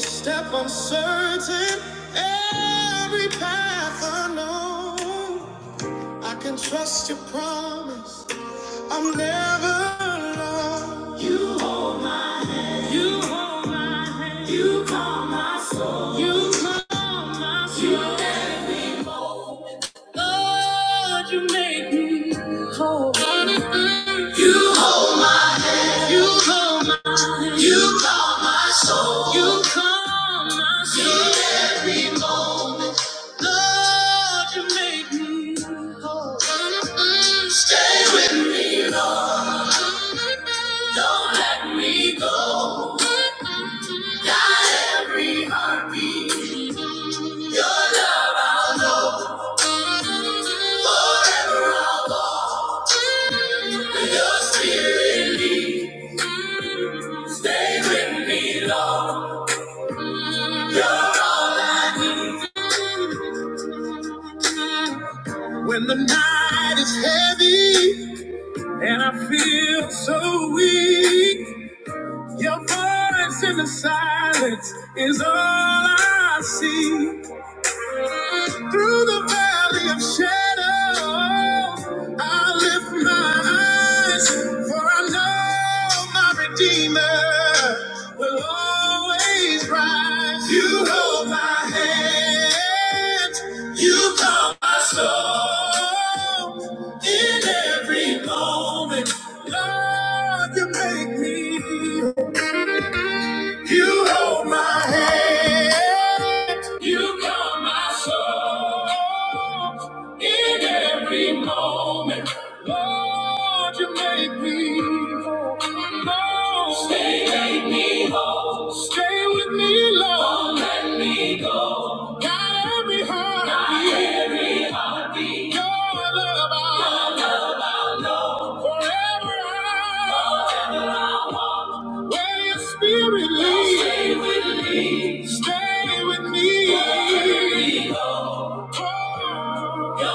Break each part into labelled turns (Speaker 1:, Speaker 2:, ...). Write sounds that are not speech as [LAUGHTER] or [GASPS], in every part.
Speaker 1: Step uncertain, every path unknown. I can trust your promise. I'm never alone. You, you call my you, Lord, you make me whole. You you call my, you call my soul. You call my soul. Lord, you make me. Don't let me go. Every heartbeat, your spirit, stay with me, Lord. When the night is heavy, the weak side is all I see. Through the valley of shadow, I lift my eyes, for I know my Redeemer will always rise. You hold my hand, you calm my soul in every moment. Lord, you make me. You hold my hand. You calm my soul in every moment. Lord, you make me whole. Lord, stay, make me whole. Stay with me, Lord. Don't let me go. Got every heart. Got every heartbeat. Your love, I Your love I know. Forever. I- Forever. I want. Holy Spirit, lead. Stay with me. Stay with me. Wherever we go. God, I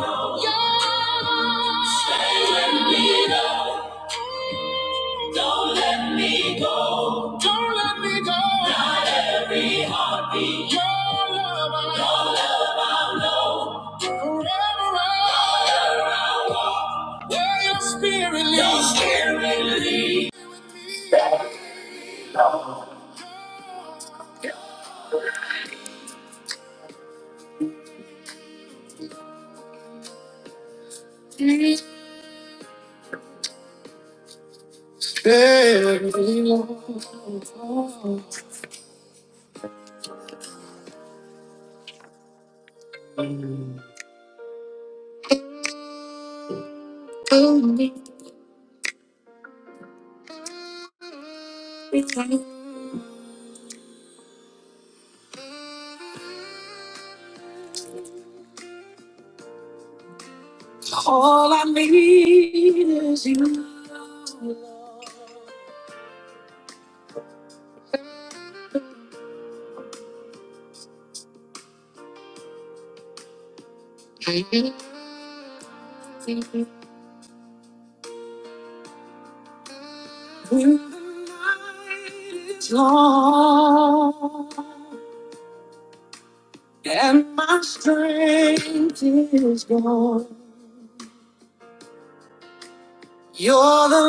Speaker 1: know. God, Stay with me, Lord. Don't let me go. Don't let me go. Not every heartbeat. Your love I know. Your love I know. Forever I Where your spirit leads. Your spirit leads. Yeah. And my strength is gone.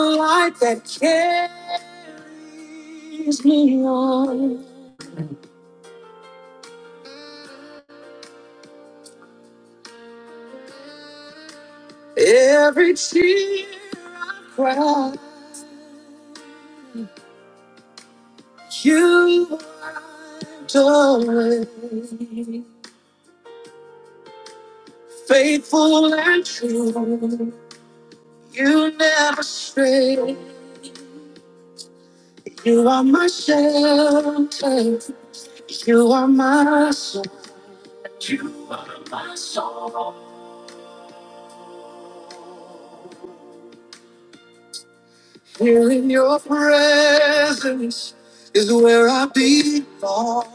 Speaker 1: The light that carries me on. Every tear I cry, you wiped away. Faithful and true, you never stray. You are my shelter. You are my soul. Here in your presence is where I belong.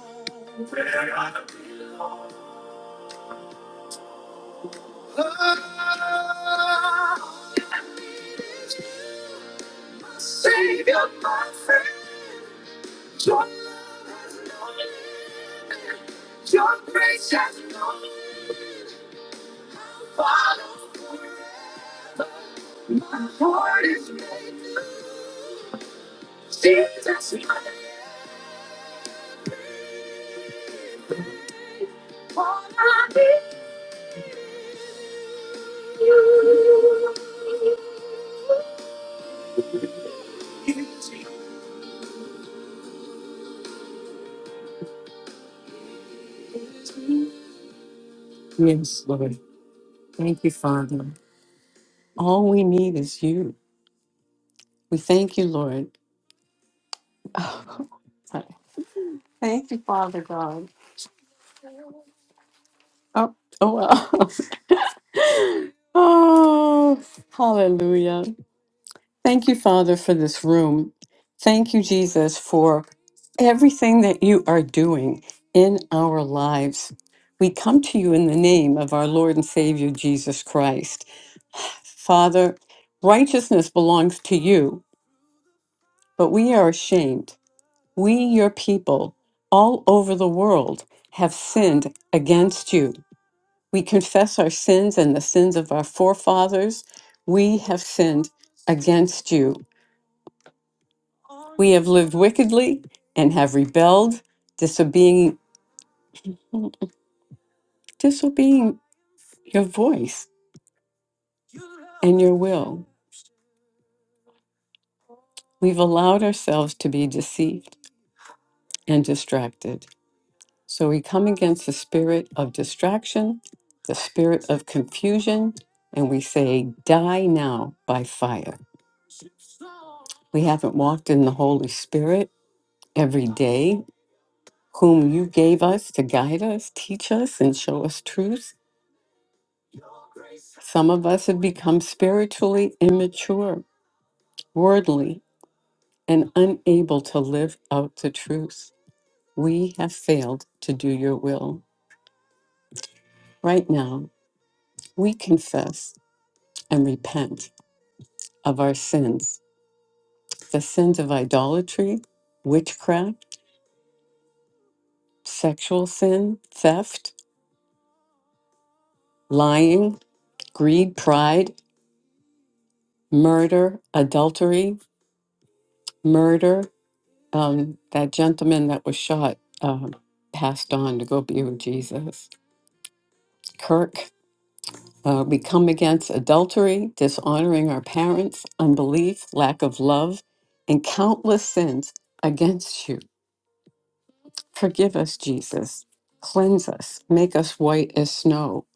Speaker 1: Savior, my friend, your, your grace has no follow. Lord is me, Jesus, my father. Yes, Lord. Thank you, Father. All we need is you. We thank you, Lord. [LAUGHS] Oh, sorry. thank you, Father God. Oh, oh well. [LAUGHS] oh, hallelujah. Thank you, Father, for this room. Thank you, Jesus, for everything that you are doing in our lives. We come to you in the name of our Lord and Savior, Jesus Christ. Father, righteousness belongs to you, but we are ashamed. We, your people, all over the world, have sinned against you. We confess our sins and the sins of our forefathers. We have sinned against you. We have lived wickedly and have rebelled, disobeying, disobeying your voice and your will. We've allowed ourselves to be deceived and distracted. So we come against the spirit of distraction, the spirit of confusion, and we say, Die now by fire. We haven't walked in the Holy Spirit every day, whom you gave us to guide us, teach us, and show us truth. Some of us have become spiritually immature worldly, and unable to live out the truth. We have failed to do your will. Right now, we confess and repent of our sins the sins of idolatry, witchcraft, sexual sin, theft, lying, greed, pride, murder, adultery, murder. Um, that gentleman that was shot um, passed on to go be with Jesus. Kirk Uh, we come against adultery, dishonoring our parents, unbelief, lack of love, and countless sins against you. Forgive us, Jesus. Cleanse us. Make us white as snow.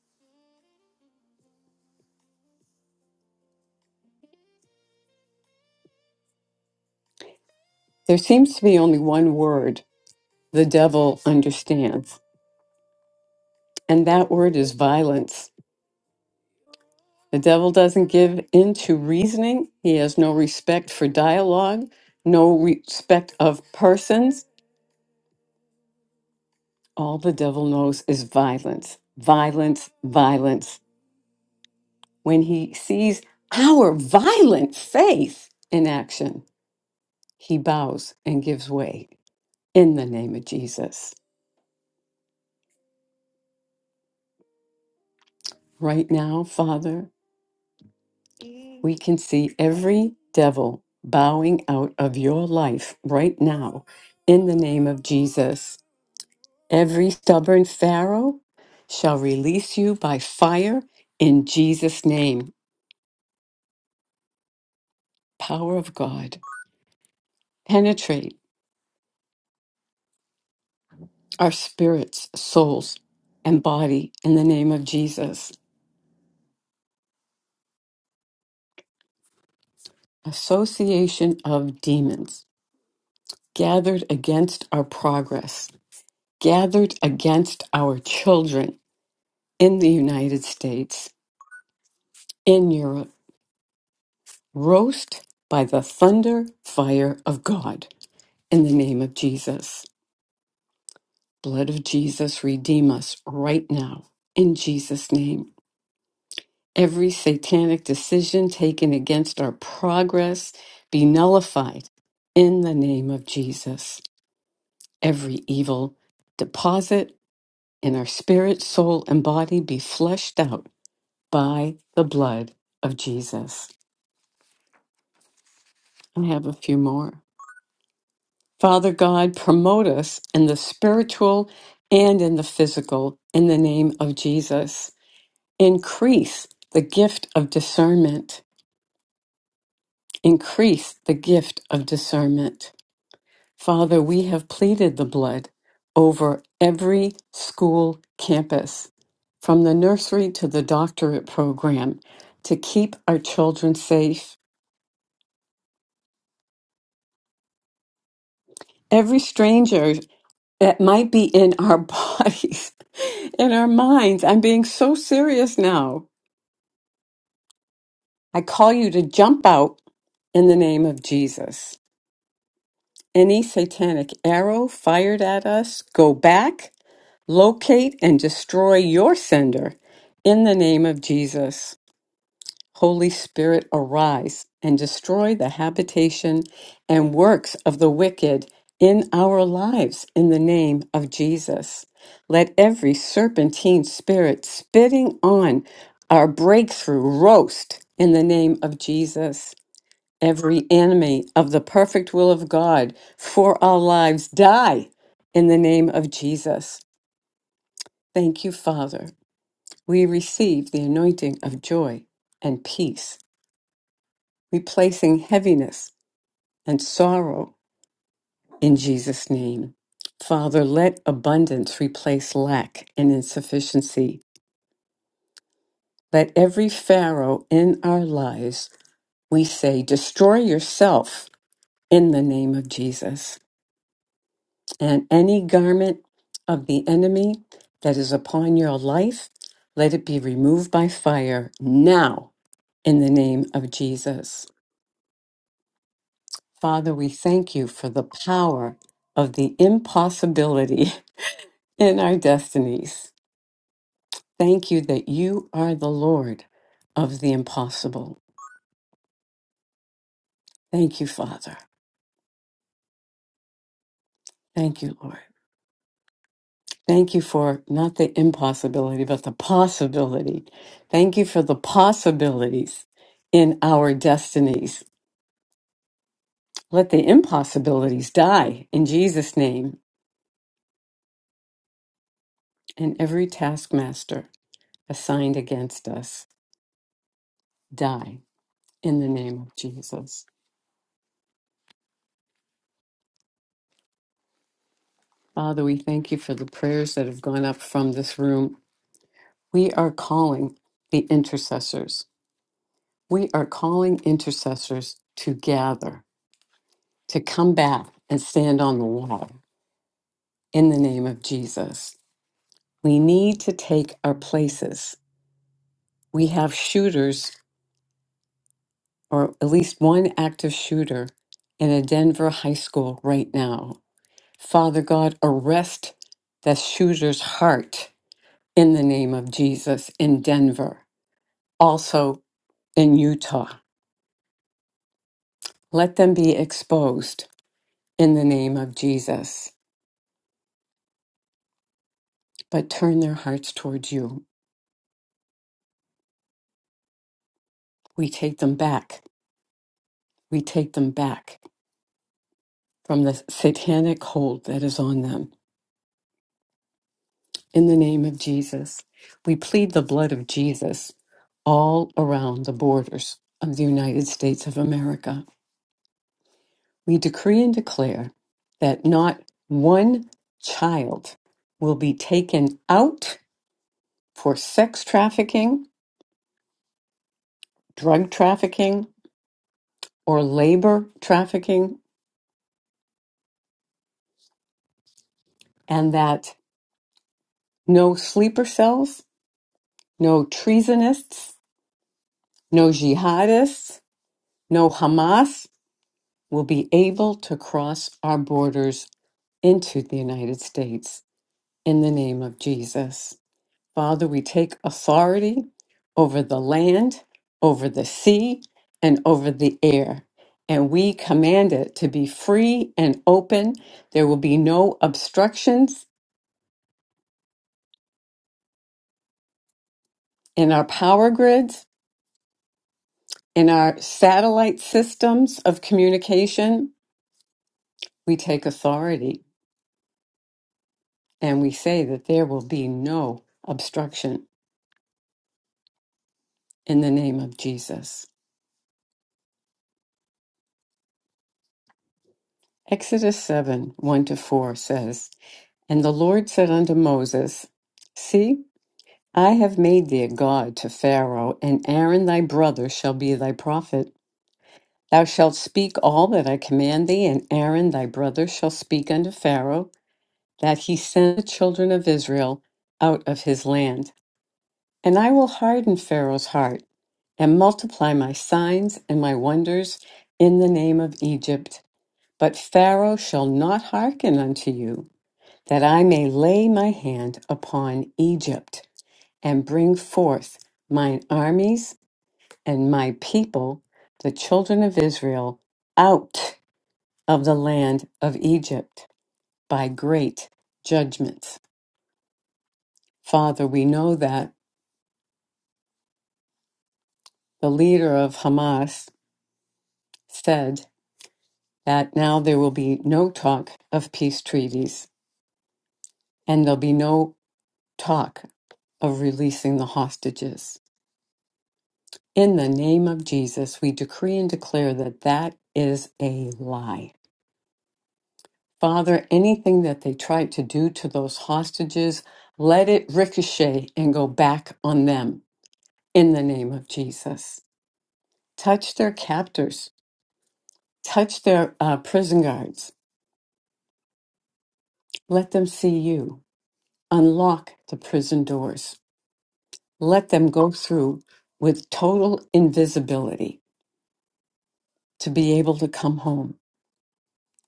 Speaker 1: There seems to be only one word the devil understands, and that word is violence. The devil doesn't give in to reasoning, he has no respect for dialogue, no respect of persons. All the devil knows is violence, violence, violence When he sees our violent faith in action, he bows and gives way in the name of Jesus. Right now, Father, we can see every devil bowing out of your life right now in the name of Jesus. Every stubborn Pharaoh shall release you by fire in Jesus' name. Power of God, penetrate our spirits, souls, and body in the name of Jesus. association of demons gathered against our progress, gathered against our children in the United States, in Europe, roast by the thunder fire of God in the name of Jesus. Blood of Jesus, redeem us right now in Jesus' name. Every satanic decision taken against our progress be nullified in the name of Jesus. Every evil deposit, In our spirit, soul, and body be fleshed out by the blood of Jesus. I have a few more. Father God, promote us in the spiritual and in the physical in the name of Jesus. Increase the gift of discernment. Increase the gift of discernment. Father, we have pleaded the blood over every school campus. from the nursery to the doctorate program to keep our children safe. Every stranger that might be in our [LAUGHS] bodies, in our minds, I'm being so serious now. I call you to jump out in the name of Jesus. Any satanic arrow fired at us, go back, locate, and destroy your sender in the name of Jesus. Holy Spirit, arise and destroy the habitation and works of the wicked in our lives in the name of Jesus. Let every serpentine spirit spitting on our breakthrough roast in the name of Jesus. Every enemy of the perfect will of God for our lives die in the name of Jesus. Thank you, Father. We receive the anointing of joy and peace replacing heaviness and sorrow in Jesus' name. Father, let abundance replace lack and insufficiency. Let every Pharaoh in our lives, we say, destroy yourself in the name of Jesus. And any garment of the enemy that is upon your life, let it be removed by fire now in the name of Jesus. Father, we thank you for the power of the impossibility [LAUGHS] in our destinies. Thank you that you are the Lord of the impossible. Thank you, Father. Thank you, Lord. Thank you for not the impossibility, but the possibility. Thank you for the possibilities in our destinies. Let the impossibilities die in Jesus' name, and every taskmaster assigned against us die in the name of Jesus. Father, we thank you for the prayers that have gone up from this room We are calling the intercessors. We are calling intercessors to gather, to come back and stand on the wall in the name of Jesus. We need to take our places. We have shooters, or at least one active shooter, in a Denver high school right now. Father God, arrest the shooter's heart in the name of Jesus in Denver, also in Utah. Let them be exposed in the name of Jesus, but turn their hearts towards you. We take them back. We take them back from the satanic hold that is on them. In the name of Jesus, we plead the blood of Jesus all around the borders of the United States of America. We decree and declare that not one child will be taken out for sex trafficking, drug trafficking, or labor trafficking, and that No sleeper cells, no treasonists, no jihadists, no Hamas will be able to cross our borders into the United States in the name of Jesus. Father, we take authority over the land, over the sea, and over the air. And we command it to be free and open. There will be no obstructions in our power grids, in our satellite systems of communication, we take authority and we say that there will be no obstruction in the name of Jesus. Exodus 7 1 to 4 says, And the Lord said unto Moses, See, I have made thee a god to Pharaoh, and Aaron thy brother shall be thy prophet. Thou shalt speak all that I command thee, and Aaron thy brother shall speak unto Pharaoh, that he send the children of Israel out of his land. And I will harden Pharaoh's heart and multiply my signs and my wonders in the name of Egypt. But Pharaoh shall not hearken unto you, that I may lay my hand upon Egypt and bring forth mine armies and my people, the children of Israel, out of the land of Egypt by great judgments. Father, we know that the leader of Hamas said that now there will be no talk of peace treaties and there'll be no talk of releasing the hostages. In the name of Jesus, we decree and declare that that is a lie. Father, anything that they tried to do to those hostages, let it ricochet and go back on them in the name of Jesus. Touch their captors, touch their uh, prison guards. Let them see you. Unlock the prison doors. Let them go through with total invisibility to be able to come home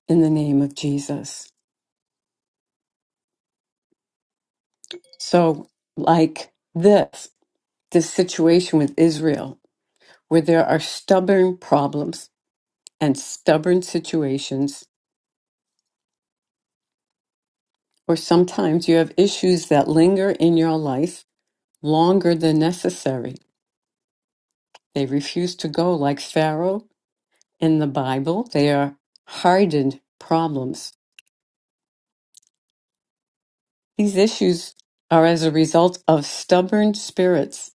Speaker 1: in the name of Jesus. So, like this, this situation with Israel, where there are stubborn problems and stubborn situations, or sometimes you have issues that linger in your life longer than necessary. They refuse to go, like Pharaoh in the Bible. They are hardened problems. These issues are as a result of stubborn spirits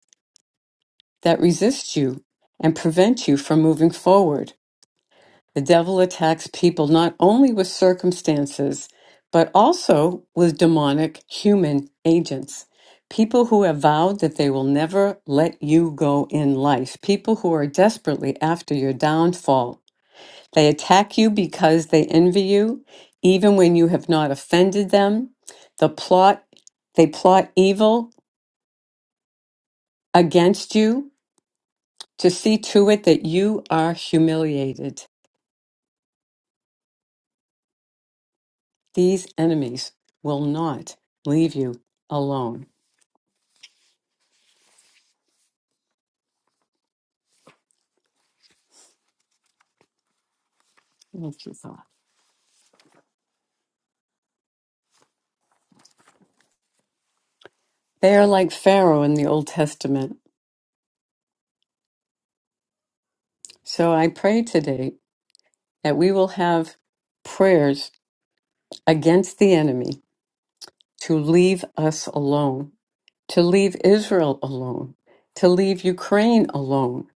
Speaker 1: that resist you and prevent you from moving forward. The devil attacks people not only with circumstances, but also with demonic human agents. People who have vowed that they will never let you go in life, people who are desperately after your downfall. They attack you because they envy you, even when you have not offended them. The plot, they plot evil against you To see to it that you are humiliated. These enemies will not leave you alone. They are like Pharaoh in the Old Testament. So I pray today that we will have prayers against the enemy to leave us alone, to leave Israel alone, to leave Ukraine alone,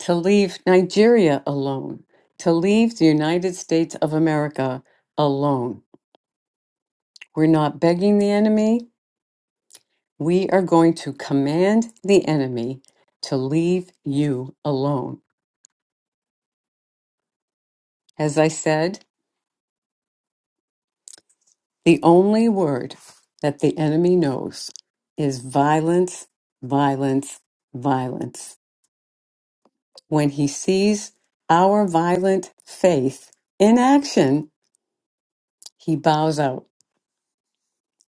Speaker 1: to leave Nigeria alone, to leave the United States of America alone. We're not begging the enemy. We are going to command the enemy to leave you alone. As I said, the only word that the enemy knows is violence, violence, violence. When he sees our violent faith in action, he bows out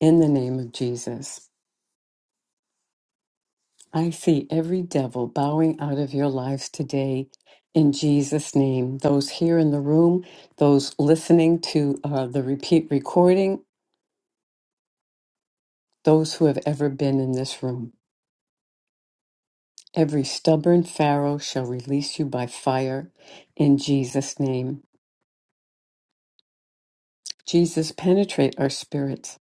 Speaker 1: in the name of Jesus. I see every devil bowing out of your lives today in Jesus' name. Those here in the room, those listening to uh, the repeat recording, those who have ever been in this room. Every stubborn Pharaoh shall release you by fire in Jesus' name. Jesus, penetrate our spirits.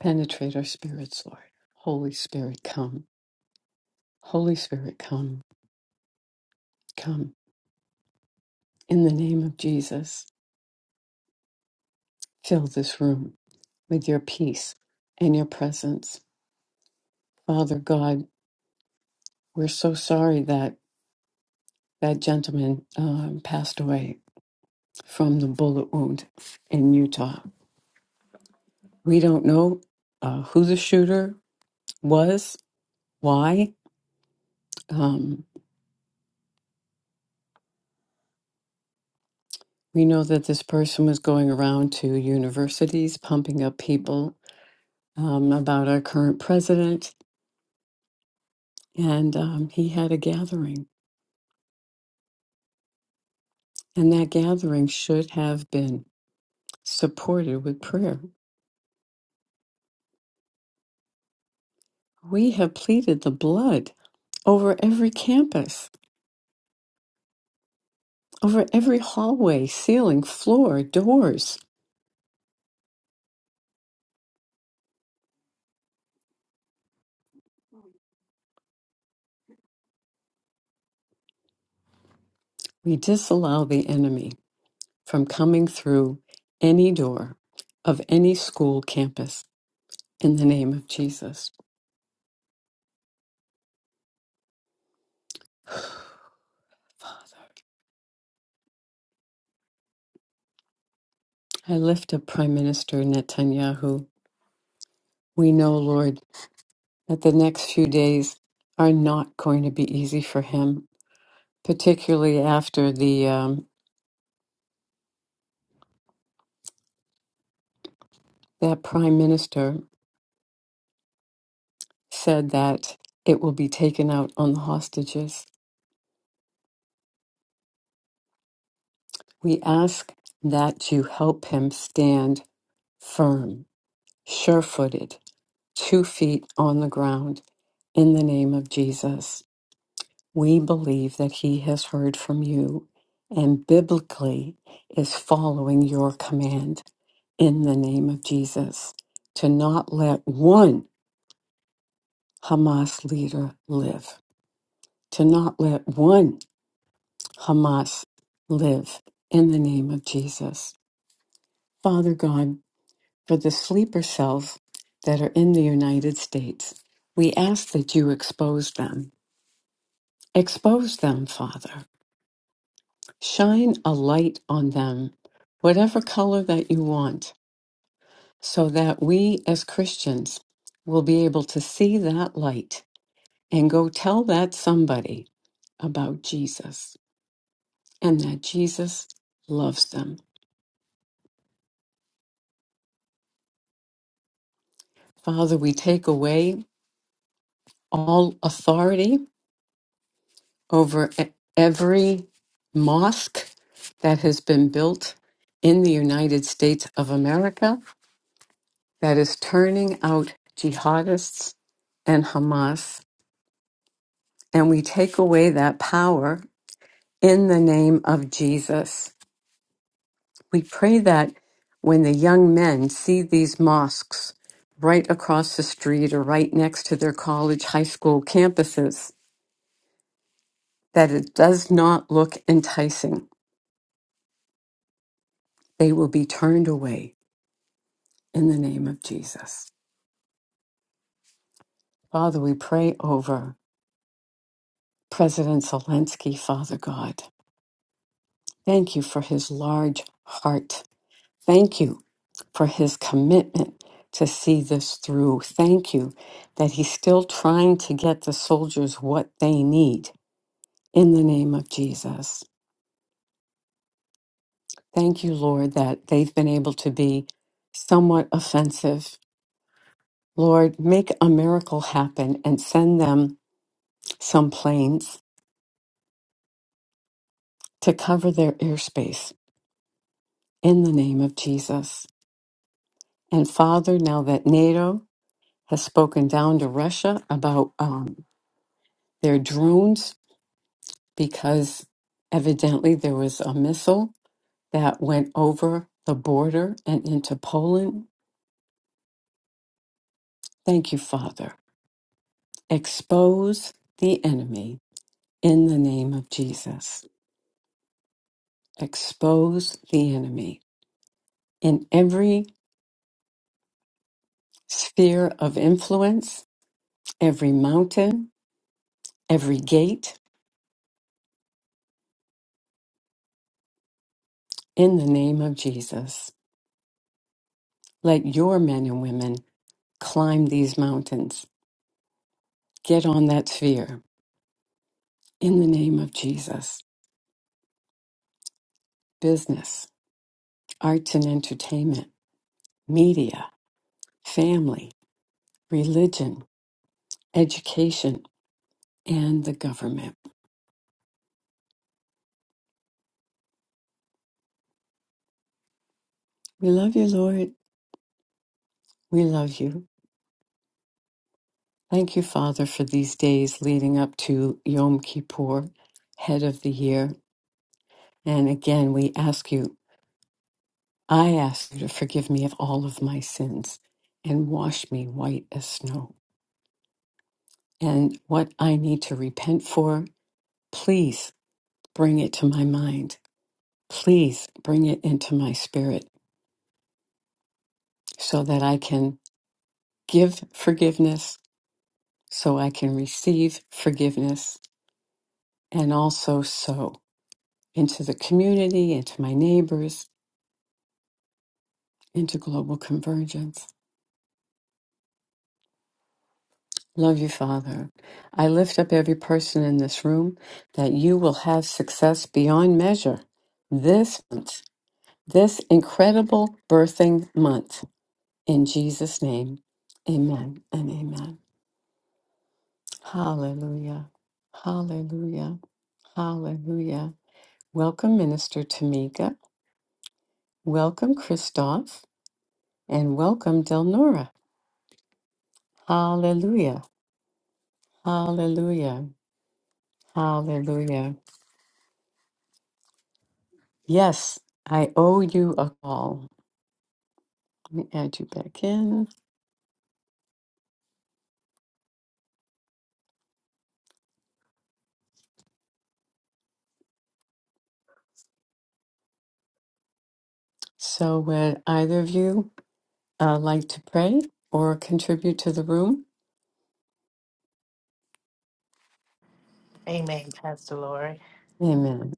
Speaker 1: Penetrate our spirits, Lord. Holy Spirit, come. Holy Spirit, come. Come. In the name of Jesus, fill this room with your peace and your presence. Father God, we're so sorry that that gentleman um, passed away from the bullet wound in Utah. We don't know uh, who the shooter was, why. Um, we know that this person was going around to universities pumping up people um, about our current president, and um, he had a gathering. And that gathering should have been supported with prayer We have pleaded the blood over every campus, over every hallway, ceiling, floor, doors. We disallow the enemy from coming through any door of any school campus in the name of Jesus. Father, I lift up Prime Minister Netanyahu. We know, Lord, that the next few days are not going to be easy for him, particularly after the um, that prime minister. said that it will be taken out on the hostages. We ask that you help him stand firm, sure footed, two feet on the ground, in the name of Jesus. We believe that he has heard from you and biblically is following your command in the name of Jesus to not let one Hamas leader live, to not let one Hamas live in the name of Jesus. Father God, for the sleeper cells that are in the United States, we ask that you expose them. Expose them, Father. Shine a light on them, whatever color that you want, so that we as Christians will be able to see that light and go tell that somebody about Jesus and that Jesus loves them. Father, we take away all authority over e- every mosque that has been built in the United States of America that is turning out jihadists and Hamas. And we take away that power in the name of Jesus. We pray that when the young men see these mosques right across the street or right next to their college, high school campuses, that it does not look enticing they will be turned away in the name of Jesus. Father, we pray over President Zelensky, Father God. Thank you for his large heart. Thank you for his commitment to see this through. Thank you that he's still trying to get the soldiers what they need in the name of Jesus. Thank you, Lord, that they've been able to be somewhat offensive. Lord, make a miracle happen and send them some planes to cover their airspace in the name of Jesus. And Father, now that NATO has spoken down to Russia about um, their drones, because evidently there was a missile that went over the border and into Poland, thank you, Father. Expose the enemy in the name of Jesus. Expose the enemy in every sphere of influence, every mountain, every gate, In the name of Jesus, let your men and women climb these mountains. Get on that sphere. In the name of Jesus, business, arts and entertainment, media, family, religion, education, and the government. We love you, Lord. We love you. Thank you, Father, for these days leading up to Yom Kippur, head of the year. And again, we ask you I ask you to forgive me of all of my sins and wash me white as snow. And what I need to repent for, please bring it to my mind. Please bring it into my spirit so that I can give forgiveness, so I can receive forgiveness, and also sow into the community, into my neighbors, into global convergence. Love you, Father. I lift up every person in this room that you will have success beyond measure this month, this incredible birthing month. In Jesus' name, amen and amen. Hallelujah. Hallelujah. Hallelujah. Welcome, Minister Tamika. Welcome, Christoph. And welcome, Delnora. Hallelujah. Hallelujah. Hallelujah. Yes, I owe you a call. Let me add you back in. So, would either of you uh, like to pray or contribute to the room?
Speaker 2: Amen, Pastor Lori.
Speaker 1: Amen.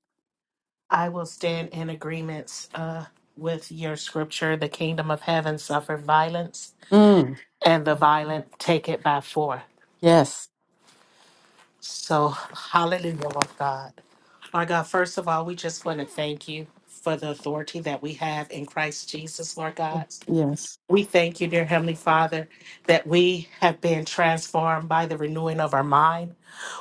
Speaker 2: I will stand in agreements uh, with your scripture. The kingdom of heaven suffered violence,
Speaker 1: Mm,
Speaker 2: and the violent take it by force.
Speaker 1: yes.
Speaker 2: So, hallelujah, Lord God. Lord God, first of all, we just want to thank you for the authority that we have in Christ Jesus, Lord
Speaker 1: Yes.
Speaker 2: God.
Speaker 1: Yes.
Speaker 2: We thank you, dear Heavenly Father, that we have been transformed by the renewing of our mind.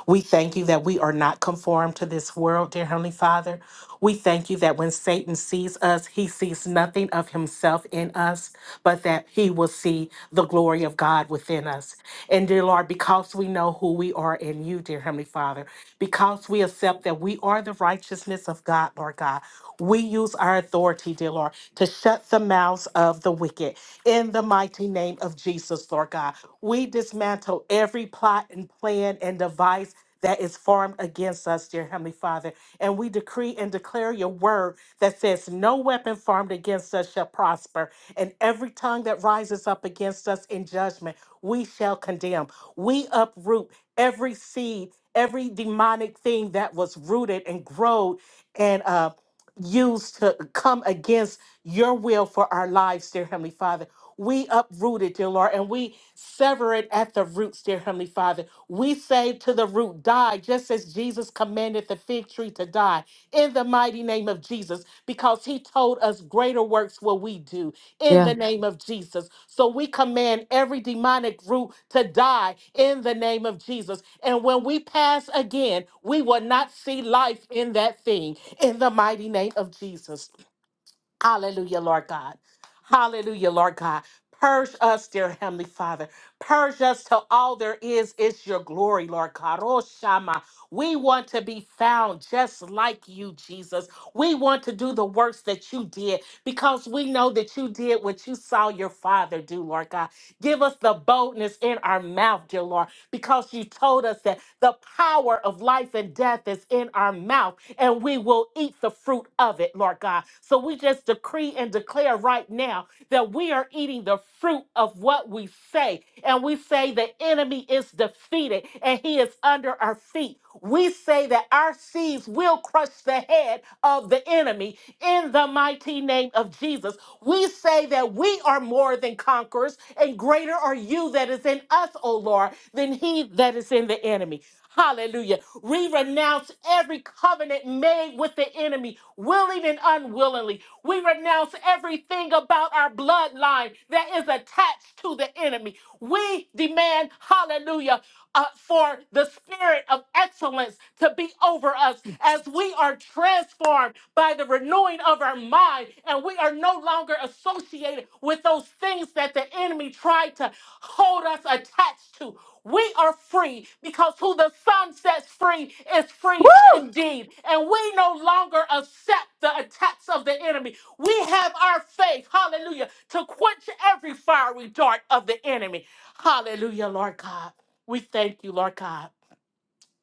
Speaker 2: We thank you that we are not conformed to this world, dear Heavenly Father. We thank you that when Satan sees us, he sees nothing of himself in us, but that he will see the glory of God within us. And dear Lord, because we know who we are in you, dear Heavenly Father, because we accept that we are are the righteousness of God, Lord God. We use our authority, dear Lord, to shut the mouths of the wicked. In the mighty name of Jesus, Lord God, we dismantle every plot and plan and device that is formed against us, dear Heavenly Father. And we decree and declare your word that says, No weapon formed against us shall prosper. And every tongue that rises up against us in judgment, we shall condemn. We uproot every seed every demonic thing that was rooted and growed and uh, used to come against your will for our lives, dear Heavenly Father. We uproot it, dear Lord, and we sever it at the roots, dear Heavenly Father. We say to the root, die, just as Jesus commanded the fig tree to die, in the mighty name of Jesus, because he told us greater works will we do in
Speaker 1: Yeah.
Speaker 2: the name of Jesus. So we command every demonic root to die in the name of Jesus. And when we pass again, we will not see life in that thing in the mighty name of Jesus. Hallelujah, Lord God. Hallelujah, Lord God. Purge us, dear Heavenly Father. Purge us till all there is is your glory, Lord God. Oh, Shama. We want to be found just like you, Jesus. We want to do the works that you did because we know that you did what you saw your Father do, Lord God. Give us the boldness in our mouth, dear Lord, because you told us that the power of life and death is in our mouth and we will eat the fruit of it, Lord God. So we just decree and declare right now that we are eating the fruit of what we say. And we say the enemy is defeated and he is under our feet. We say that our seeds will crush the head of the enemy in the mighty name of Jesus. Jesus, we say that we are more than conquerors, and greater are you that is in us, O Lord, than he that is in the enemy. Hallelujah. We renounce every covenant made with the enemy, willing and unwillingly. We renounce everything about our bloodline that is attached to the enemy. We demand, hallelujah uh, for the spirit of excellence to be over us as we are transformed by the renewing of our mind and we are no longer associated with those things that the enemy tried to hold us attached to. We are free because who the Son sets free is free indeed. And we no longer accept the attacks of the enemy. We have our faith, hallelujah, to quench every fiery dart of the enemy. Hallelujah, Lord God. We thank you, Lord God.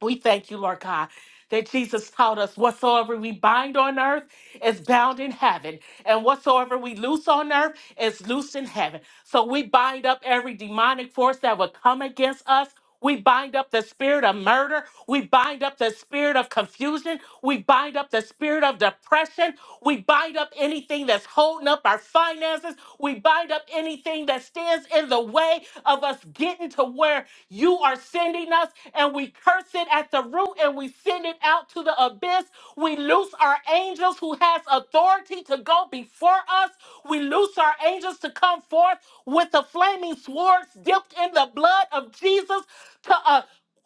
Speaker 2: We thank you, Lord God, that Jesus taught us whatsoever we bind on earth is bound in heaven, and whatsoever we loose on earth is loosed in heaven. So we bind up every demonic force that would come against us. We bind up the spirit of murder. We bind up the spirit of confusion. We bind up the spirit of depression. We bind up anything that's holding up up our finances. We bind up anything that stands in the way of us getting to where you are sending us, and we curse it at the root and we send it out to the abyss. We loose our angels who has authority to go before us. We loose our angels to come forth with the flaming swords dipped in the blood of Jesus to uh,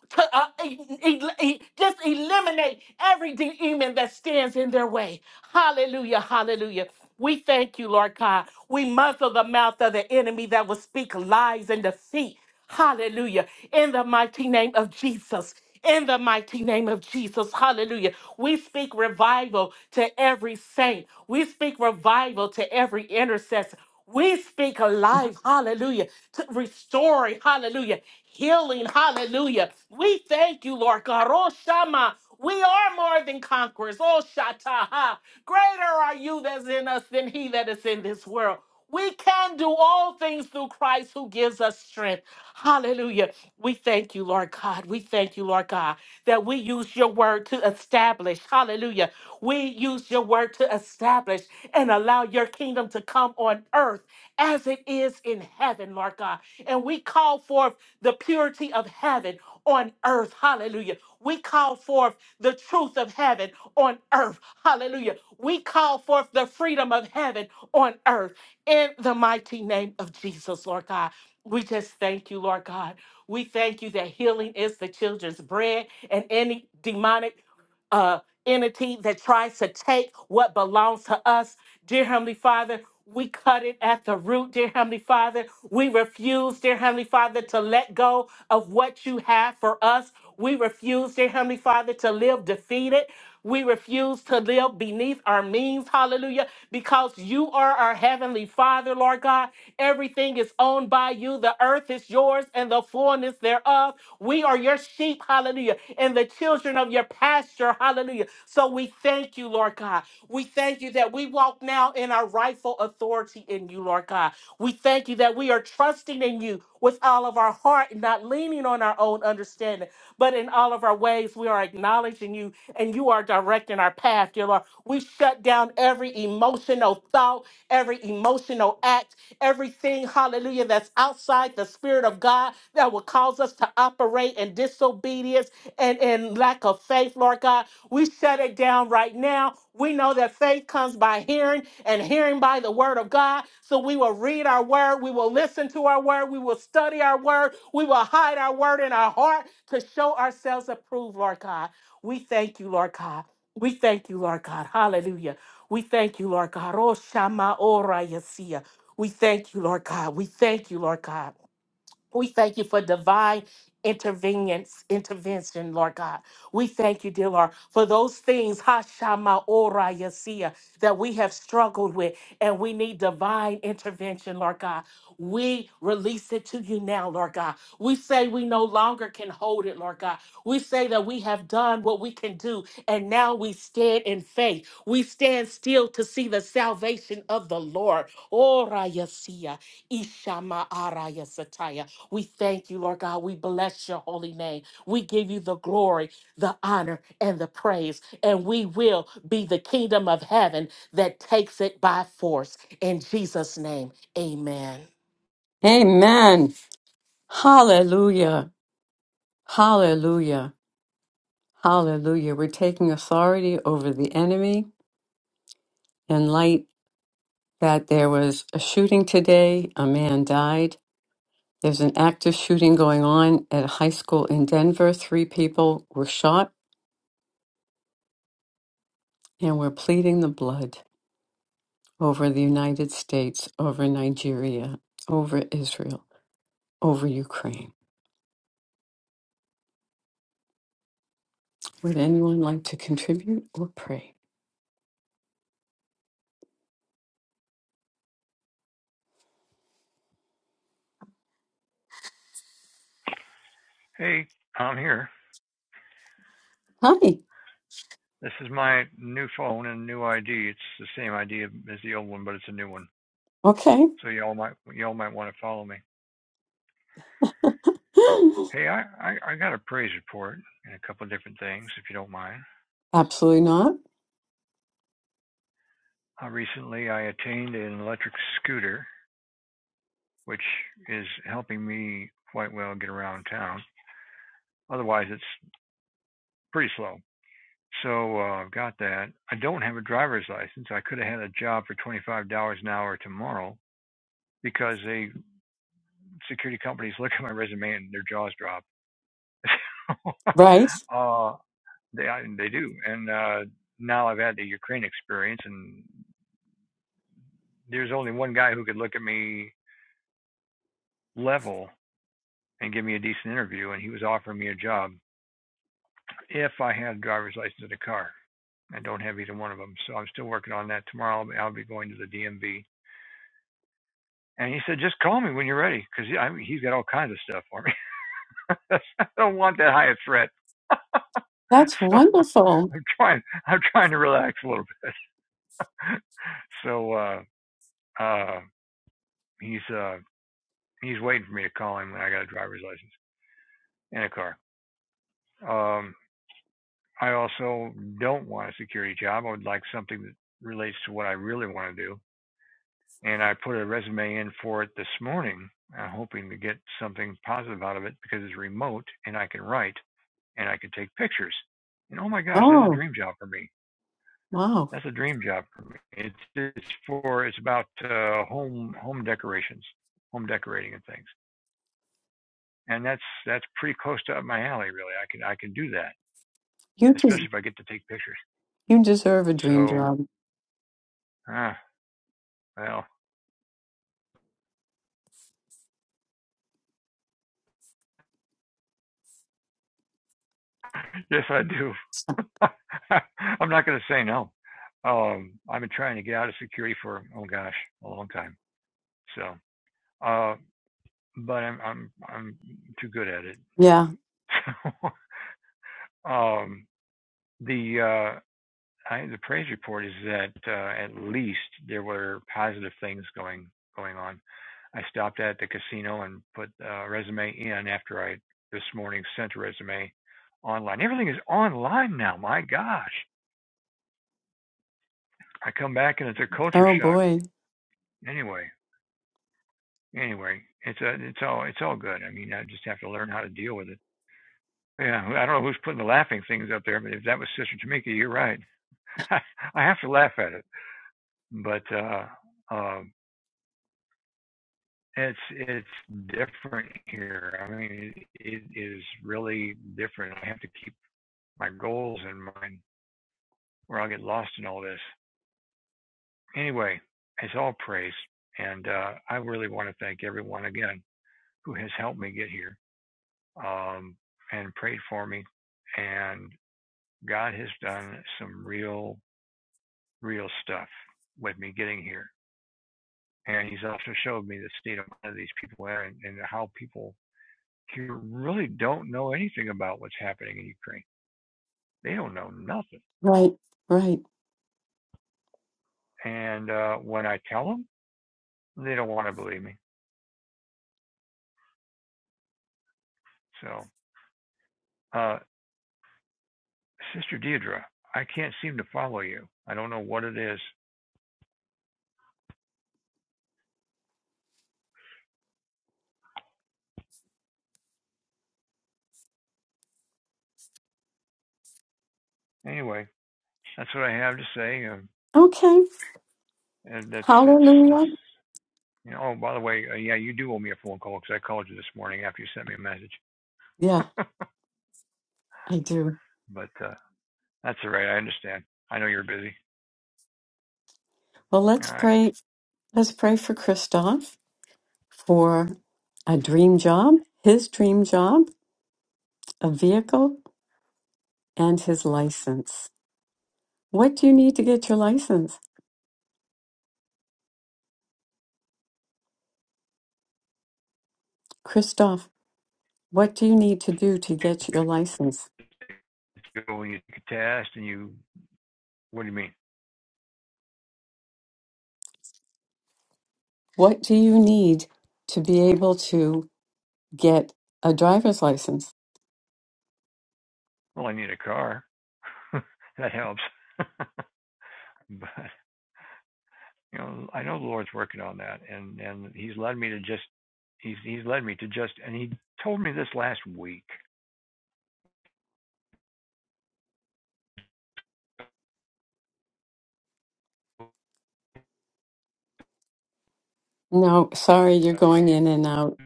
Speaker 2: to, uh, e- e- e- just eliminate every demon that stands in their way. Hallelujah, hallelujah. We thank you, Lord God. We muzzle the mouth of the enemy that will speak lies and defeat. Hallelujah. In the mighty name of Jesus. In the mighty name of Jesus, hallelujah. We speak revival to every saint. We speak revival to every intercessor. We speak alive, hallelujah, to restoring, hallelujah, healing, hallelujah. We thank you, Lord God. Oh, Shama, we are more than conquerors. Oh, Shataha, greater are you that's in us than he that is in this world. We can do all things through Christ who gives us strength. Hallelujah. We thank you, Lord God. We thank you, Lord God, that we use your word to establish. Hallelujah. We use your word to establish and allow your kingdom to come on earth as it is in heaven, Lord God. And we call forth the purity of heaven on earth. Hallelujah. We call forth the truth of heaven on earth. Hallelujah. We call forth the freedom of heaven on earth in the mighty name of Jesus, Lord God. We just thank you, Lord God. We thank you that healing is the children's bread and any demonic. uh, entity that tries to take what belongs to us. Dear Heavenly Father, we cut it at the root, dear Heavenly Father. We refuse, dear Heavenly Father, to let go of what you have for us. We refuse, dear Heavenly Father, to live defeated. We refuse to live beneath our means, hallelujah, because you are our Heavenly Father, Lord God. Everything is owned by you. The earth is is yours and the fullness thereof. We are your sheep, hallelujah, and the children of your pasture, hallelujah. So we thank you, Lord God. We thank you that we walk now in our rightful authority in you, Lord God. We thank you that we are trusting in you with all of our heart, and not leaning on our own understanding, but in all of our ways, we are acknowledging you and you are directing our path, dear Lord. We shut down every emotional thought, every emotional act, everything, hallelujah, that's outside the Spirit of God that will cause us to operate in disobedience and in lack of faith, Lord God. We shut it down right now. We know that faith comes by hearing and hearing by the word of God. So we will read our word, we will listen to our word, we will study our word, we will hide our word in our heart to show ourselves approved, Lord God. We thank you, Lord God. We thank you, Lord God. Hallelujah. We thank you, Lord God. Oh, Shama Ora Yasia. We thank you, Lord God. We thank you, Lord God. We thank you for divine intervenience, intervention, Lord God. We thank you, dear Lord, for those things, Hashama Ora Yasia, that we have struggled with and we need divine intervention, Lord God. We release it to you now, Lord God. We say we no longer can hold it, Lord God. We say that we have done what we can do, and now we stand in faith. We stand still to see the salvation of the Lord. Ora Yasia, Ishama Ara Yasataya. We thank you, Lord God. We bless your holy name. We give you the glory, the honor, and the praise. And we will be the kingdom of heaven that takes it by force. In Jesus' name, amen.
Speaker 1: Amen. Hallelujah. Hallelujah. Hallelujah. We're taking authority over the enemy in light that there was a shooting today. A man died. There's an active shooting going on at a high school in Denver. Three people were shot, and we're pleading the blood over the United States, over Nigeria, over Israel, over Ukraine. Would anyone like to contribute or pray?
Speaker 3: Hey, I'm here.
Speaker 1: Hi.
Speaker 3: This is my new phone and new ID. It's the same ID as the old one, but it's a new one.
Speaker 1: Okay.
Speaker 3: So y'all might y'all might want to follow me.
Speaker 1: [GASPS]
Speaker 3: Hey, I, I, I got a praise report and a couple of different things, if you don't mind.
Speaker 1: [LAUGHS] Absolutely not.
Speaker 3: Uh, recently, I attained an electric scooter, which is helping me quite well get around town. Otherwise, it's pretty slow. So uh, I've got that. I don't have a driver's license. I could have had a job for $25 an hour tomorrow because they security companies look at my resume and their jaws drop. [LAUGHS]
Speaker 1: Right.
Speaker 3: uh, they I, they do, and uh, now I've had the Ukraine experience, and there's only one guy who could look at me level and give me a decent interview, and he was offering me a job if I had a driver's license and a car. I don't have either one of them, so I'm still working on that. Tomorrow I'll be I'll be going to the DMV, and he said just call me when you're ready, because he's got all kinds of stuff for me. [LAUGHS] I don't want that high a threat. [LAUGHS]
Speaker 1: That's
Speaker 3: so
Speaker 1: wonderful.
Speaker 3: I'm trying. I'm trying to relax a little bit. [LAUGHS] So uh, uh, he's uh, he's waiting for me to call him when I got a driver's license and a car. Um, I also don't want a security job. I would like something that relates to what I really want to do. And I put a resume in for it this morning. I'm hoping to get something positive out of it because it's remote and I can write and I can take pictures. And oh my gosh, that's a
Speaker 1: Oh,
Speaker 3: dream job for me
Speaker 1: wow.
Speaker 3: That's a dream job for me. It's it's for it's about uh, home home decorations, home decorating and things, and that's that's pretty close to up my alley. Really, I can I can do that,
Speaker 1: You
Speaker 3: especially
Speaker 1: des-
Speaker 3: if I get to take pictures.
Speaker 1: you deserve a dream
Speaker 3: So,
Speaker 1: job.
Speaker 3: ah, well, [LAUGHS] yes, I do. [LAUGHS] I'm not going to say no. Um, I've been trying to get out of security for oh gosh, a long time. So, uh, but I'm I'm I'm too good at it.
Speaker 1: Yeah.
Speaker 3: [LAUGHS] So, um, the uh, I, the praise report is that uh, at least there were positive things going going on. I stopped at the casino and put a resume in after I this morning sent a resume online. Everything is online now. My gosh! I come back and it's a culture
Speaker 1: Oh
Speaker 3: shock.
Speaker 1: boy.
Speaker 3: Anyway, anyway, it's a, it's all it's all good. I mean, I just have to learn how to deal with it. Yeah, I don't know who's putting the laughing things up there, but if that was Sister Tamika, you're right. [LAUGHS] I have to laugh at it. But uh, um It's it's different here. I mean, it, it is really different. I have to keep my goals in mind, or I'll get lost in all this. Anyway, it's all praise, and uh, I really want to thank everyone again who has helped me get here um, and prayed for me. And God has done some real, real stuff with me getting here, and He's also showed me the state of these people and, and how people you really don't know anything about what's happening in Ukraine. They don't know nothing.
Speaker 1: Right. Right.
Speaker 3: And uh, when I tell them, they don't want to believe me. So, uh, Sister Deidre, I can't seem to follow you. I don't know what it is. Anyway, that's what I have to say. Um,
Speaker 1: Okay.
Speaker 3: and that's, that's, that's,
Speaker 1: Hallelujah.
Speaker 3: you know, oh, by the way, uh, yeah, you do owe me a phone call because I called you this morning after you sent me a message.
Speaker 1: Yeah.
Speaker 3: [LAUGHS]
Speaker 1: I do.
Speaker 3: but uh, that's all right. I understand. I know you're busy.
Speaker 1: Well,
Speaker 3: All
Speaker 1: let's
Speaker 3: right.
Speaker 1: pray. Let's pray for Christoph for a dream job, his dream job, a vehicle, and his license. What do you need to get your license? Christoph, what do you need to do to get your license?
Speaker 3: So you take a test and you, what do you mean?
Speaker 1: What do you need to be able to get a driver's license?
Speaker 3: Well, I need a car. [LAUGHS] that helps. [LAUGHS] but you know, I know the Lord's working on that, and and He's led me to just He's He's led me to just, and He told me this last week.
Speaker 1: No, sorry, you're going in and out.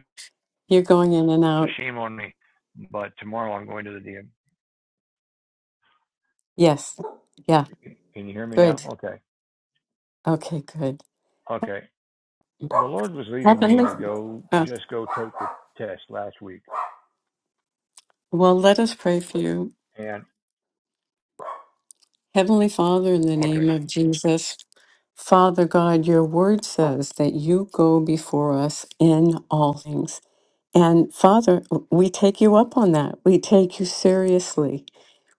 Speaker 1: You're going in and
Speaker 3: So
Speaker 1: out.
Speaker 3: shame on me. But tomorrow I'm going to the DM.
Speaker 1: Yes. Yeah,
Speaker 3: Can you hear me now?
Speaker 1: good.
Speaker 3: Okay,
Speaker 1: Okay, good.
Speaker 3: okay. The Lord was leading me to go
Speaker 1: Uh,
Speaker 3: just go take the test last week,
Speaker 1: well, let us pray for you.
Speaker 3: and
Speaker 1: Heavenly Father, in the
Speaker 3: okay.
Speaker 1: name of Jesus, Father God, your word says that you go before us in all things. And Father, we take you up on that. We take you seriously.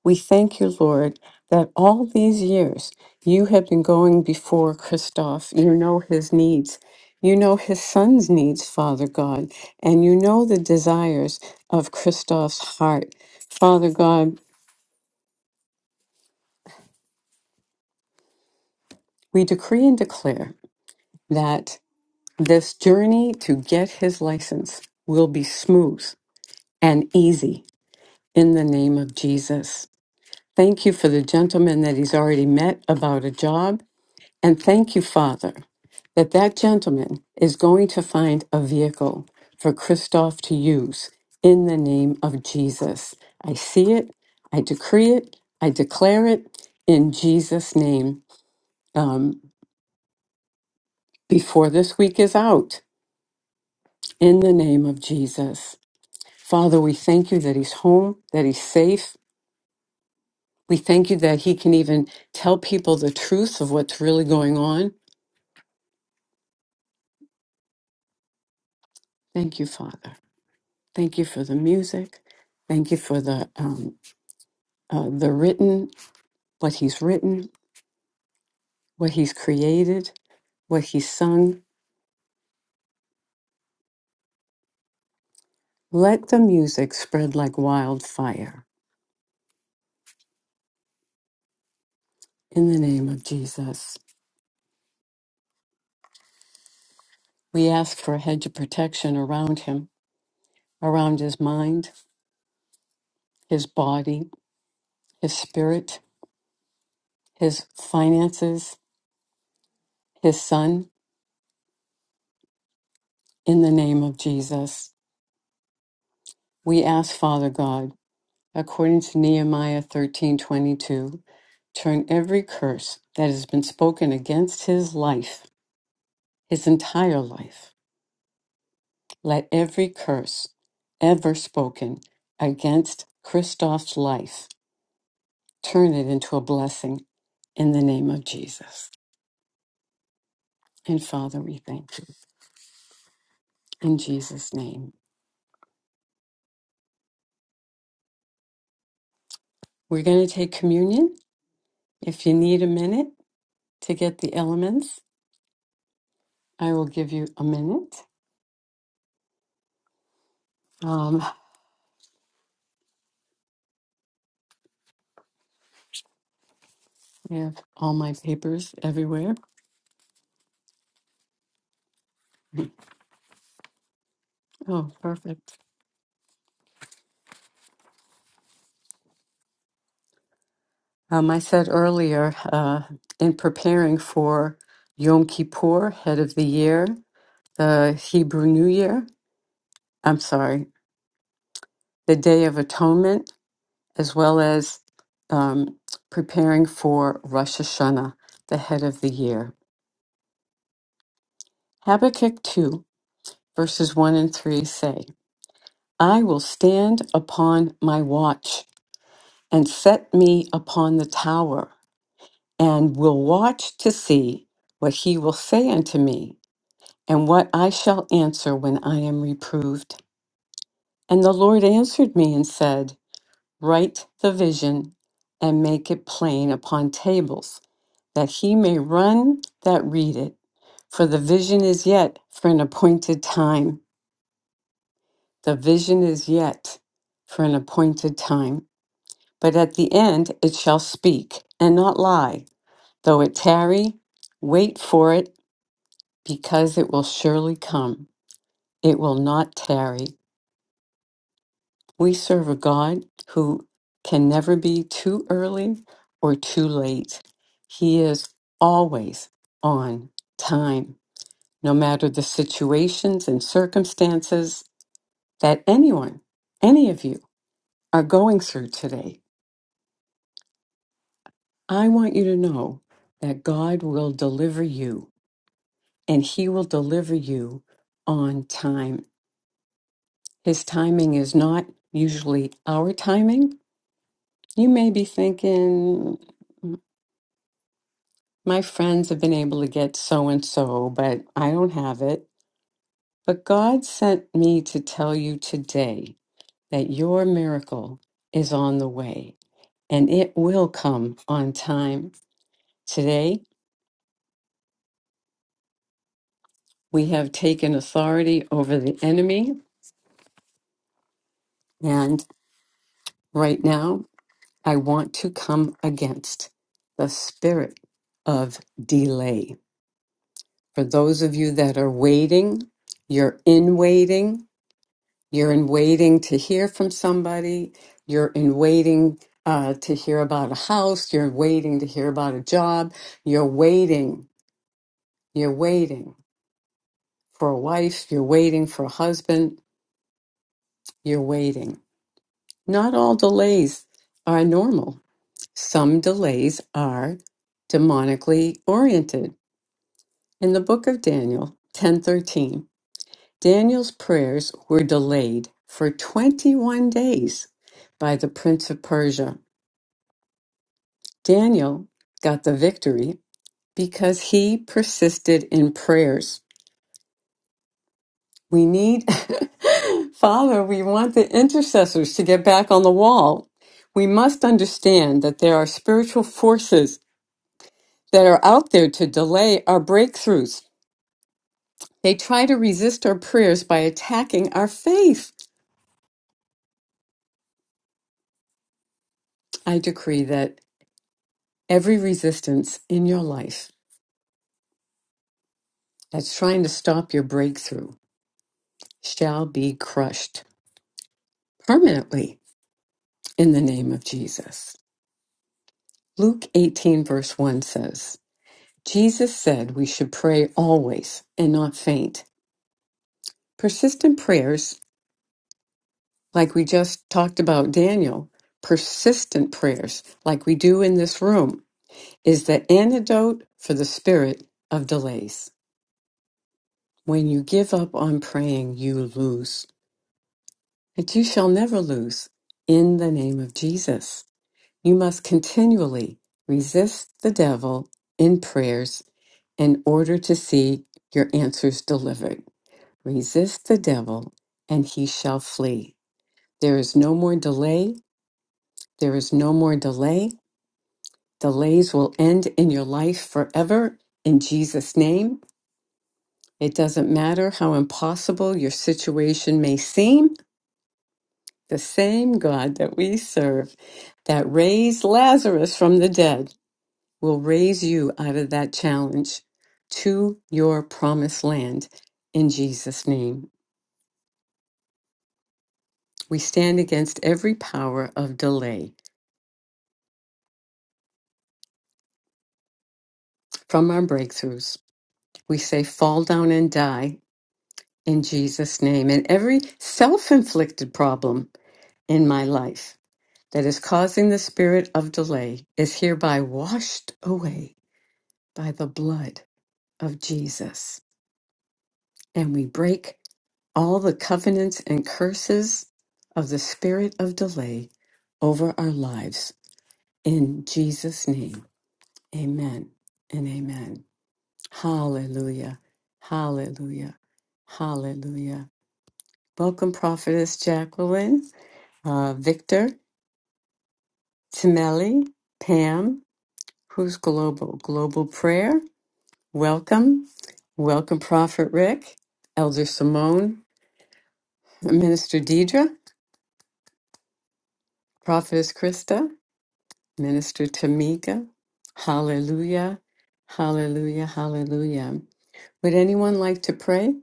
Speaker 1: We thank you, Lord, that all these years you have been going before Christoph. You know his needs. You know his son's needs, Father God, and you know the desires of Christoph's heart. Father God, we decree and declare that. This journey to get his license will be smooth and easy in the name of Jesus. Thank you for the gentleman that he's already met about a job. And thank you, Father, that that gentleman is going to find a vehicle for Christoph to use in the name of Jesus. I see it. I decree it. I declare it in Jesus' name um, before this week is out in the name of Jesus. Father, we thank you that he's home, that he's safe. We thank you that he can even tell people the truth of what's really going on. Thank you, Father. Thank you for the music. Thank you for the um, uh, the written, what he's written, what he's created, what he's sung. Let the music spread like wildfire. In the name of Jesus, we ask for a hedge of protection around him, around his mind, his body, his spirit, his finances, his son, in the name of Jesus. We ask, Father God, according to Nehemiah 13:22, turn every curse that has been spoken against his life, his entire life. Let every curse ever spoken against Christoph's life turn it into a blessing in the name of Jesus. And Father, we thank you in Jesus' name. We're going to take communion. If you need a minute to get the elements, I will give you a minute. Um, I have all my papers everywhere. Oh, perfect. Um, I said earlier, uh, in preparing for Yom Kippur, head of the year, the Hebrew New Year, I'm sorry, the Day of Atonement, as well as um, preparing for Rosh Hashanah, the head of the year. Habakkuk 2, verses 1 and 3 say, I will stand upon my watch and set me upon the tower, and will watch to see what he will say unto me, and what I shall answer when I am reproved. And the Lord answered me and said, Write the vision and make it plain upon tables, that he may run that read it. For the vision is yet for an appointed time. The vision is yet for an appointed time. But at the end it shall speak and not lie Though it tarry, wait for it, because it will surely come. It will not tarry. We serve a God who can never be too early or too late. He is always on time, no matter the situations and circumstances that anyone, any of you, are going through today. I want you to know that God will deliver you, and He will deliver you on time. His timing is not usually our timing. You may be thinking, my friends have been able to get so and so, but I don't have it. But God sent me to tell you today that your miracle is on the way and it will come on time. Today, we have taken authority over the enemy, and right now, I want to come against the spirit of delay For those of you that are waiting, you're in waiting. You're in waiting to hear from somebody. You're in waiting uh, to hear about a house. You're waiting to hear about a job. You're waiting. You're waiting for a wife. You're waiting for a husband. You're waiting. Not all delays are normal. Some delays are demonically oriented. In the book of Daniel, 10:13. Daniel's prayers were delayed for 21 days by the prince of Persia. Daniel got the victory because he persisted in prayers. We need, [LAUGHS] Father, we want the intercessors to get back on the wall. We must understand that there are spiritual forces that are out there to delay our breakthroughs. They try to resist our prayers by attacking our faith. I decree that every resistance in your life that's trying to stop your breakthrough shall be crushed permanently in the name of Jesus. Luke 18, verse 1 says, Jesus said we should pray always and not faint. Persistent prayers, like we just talked about Daniel, persistent prayers, like we do in this room, is the antidote for the spirit of delays. When you give up on praying, you lose. But you shall never lose in the name of Jesus. You must continually resist the devil in prayers in order to see your answers delivered. Resist the devil, and he shall flee. There is no more delay. There is no more delay. Delays will end in your life forever in Jesus' name. It doesn't matter how impossible your situation may seem. The same God that we serve that raised Lazarus from the dead will raise you out of that challenge to your promised land in Jesus' name. We stand against every power of delay from our breakthroughs. We say, fall down and die in Jesus' name. And every self inflicted problem in my life that is causing the spirit of delay is hereby washed away by the blood of Jesus. And we break all the covenants and curses of the spirit of delay over our lives. In Jesus' name, amen and amen. Hallelujah. Hallelujah. Hallelujah. Welcome, Prophetess Jacqueline, uh, Victor, Timeli, Pam, who's global? Global prayer. Welcome. Welcome, Prophet Rick, Elder Simone, Minister Deidre, Prophetess Krista. Minister Tamika. Hallelujah. Hallelujah. Hallelujah. Would anyone like to pray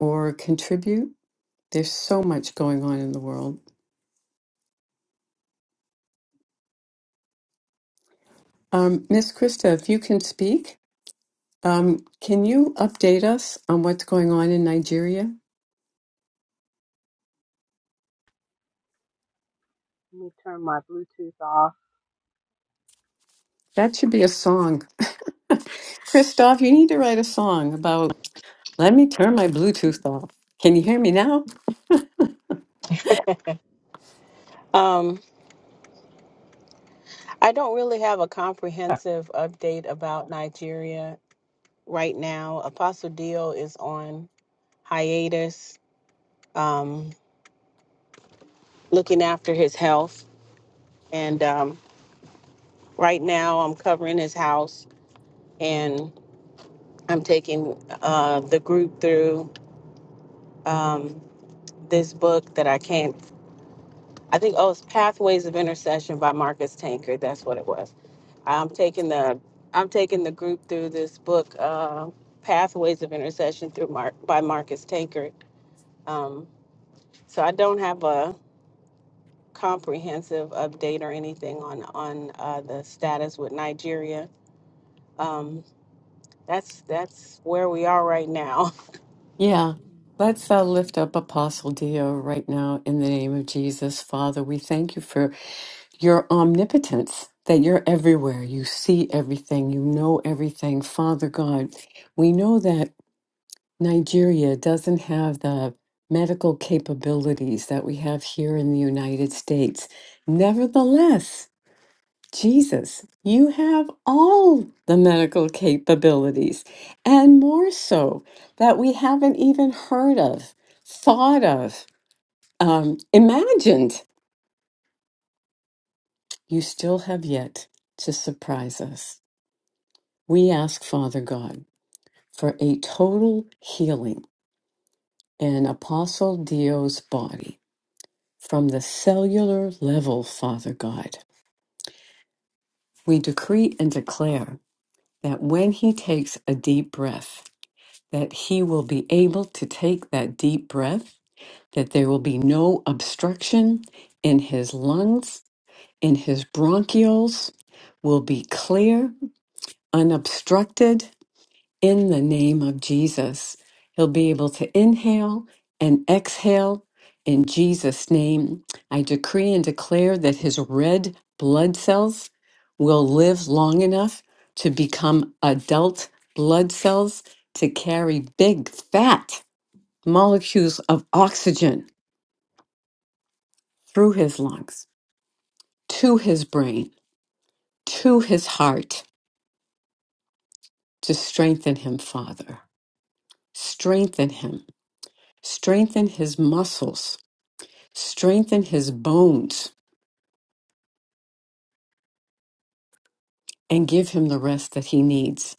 Speaker 1: or contribute? There's so much going on in the world. Um, Miss Krista, if you can speak, um, can you update us on what's going on in Nigeria?
Speaker 4: Let me turn my Bluetooth off.
Speaker 1: That should be a song. [LAUGHS] Christoph, you need to write a song about let me turn my Bluetooth off. Can you hear me now?
Speaker 4: Um, I don't really have a
Speaker 3: [LAUGHS]
Speaker 4: comprehensive update about Nigeria right now. Apostle Dio is on hiatus, um, looking after his health. And um, right now, I'm covering his house and I'm taking uh, the group through um, this book that I can't. I think oh, it's Pathways of Intercession by Marcus Tankard. That's what it was. I'm taking the I'm taking the group through this book, uh, Pathways of Intercession through Mark by Marcus Tankard. Um, so I don't have a comprehensive update or anything on on uh, the status with Nigeria. Um, that's that's where we are right now.
Speaker 1: Yeah, let's uh, lift up Apostle Dio right now in the name of Jesus. Father, we thank you for your omnipotence, that you're everywhere. You see everything, you know everything. Father God, we know that Nigeria doesn't have the medical capabilities that we have here in the United States. Nevertheless, Jesus, you have all the medical capabilities, and more so that we haven't even heard of, thought of, um, imagined. You still have yet to surprise us. We ask Father God for a total healing in Apostle Dio's body from the cellular level, Father God. We decree and declare that when he takes a deep breath, that he will be able to take that deep breath, that there will be no obstruction in his lungs, in his bronchioles, will be clear, unobstructed in the name of Jesus. He'll be able to inhale and exhale in Jesus' name. I decree and declare that his red blood cells will live long enough to become adult blood cells to carry big fat molecules of oxygen through his lungs to his brain, to his heart to strengthen him, Father. Strengthen him. Strengthen his muscles. Strengthen his bones and give him the rest that he needs.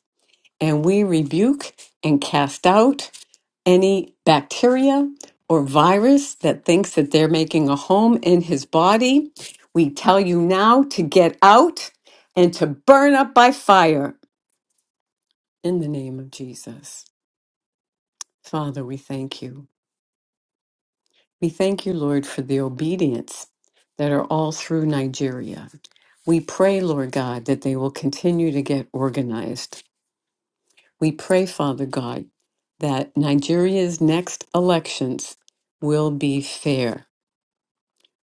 Speaker 1: And we rebuke and cast out any bacteria or virus that thinks that they're making a home in his body. We tell you now to get out and to burn up by fire In the name of Jesus, Father, we thank you. We thank you, Lord, for the obedience that are all through Nigeria. We pray, Lord God, that they will continue to get organized. We pray, Father God, that Nigeria's next elections will be fair,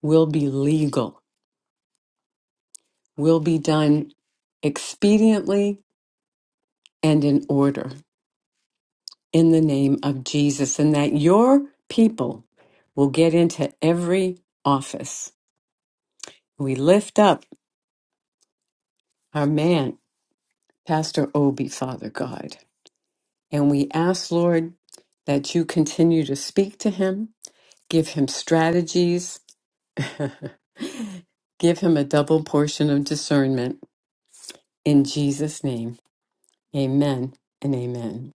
Speaker 1: will be legal, will be done expediently and in order in the name of Jesus, and that your people will get into every office We lift up our man, Pastor Obi, Father God, and we ask, Lord, that you continue to speak to him, give him strategies, [LAUGHS] give him a double portion of discernment. In Jesus' name, amen and amen.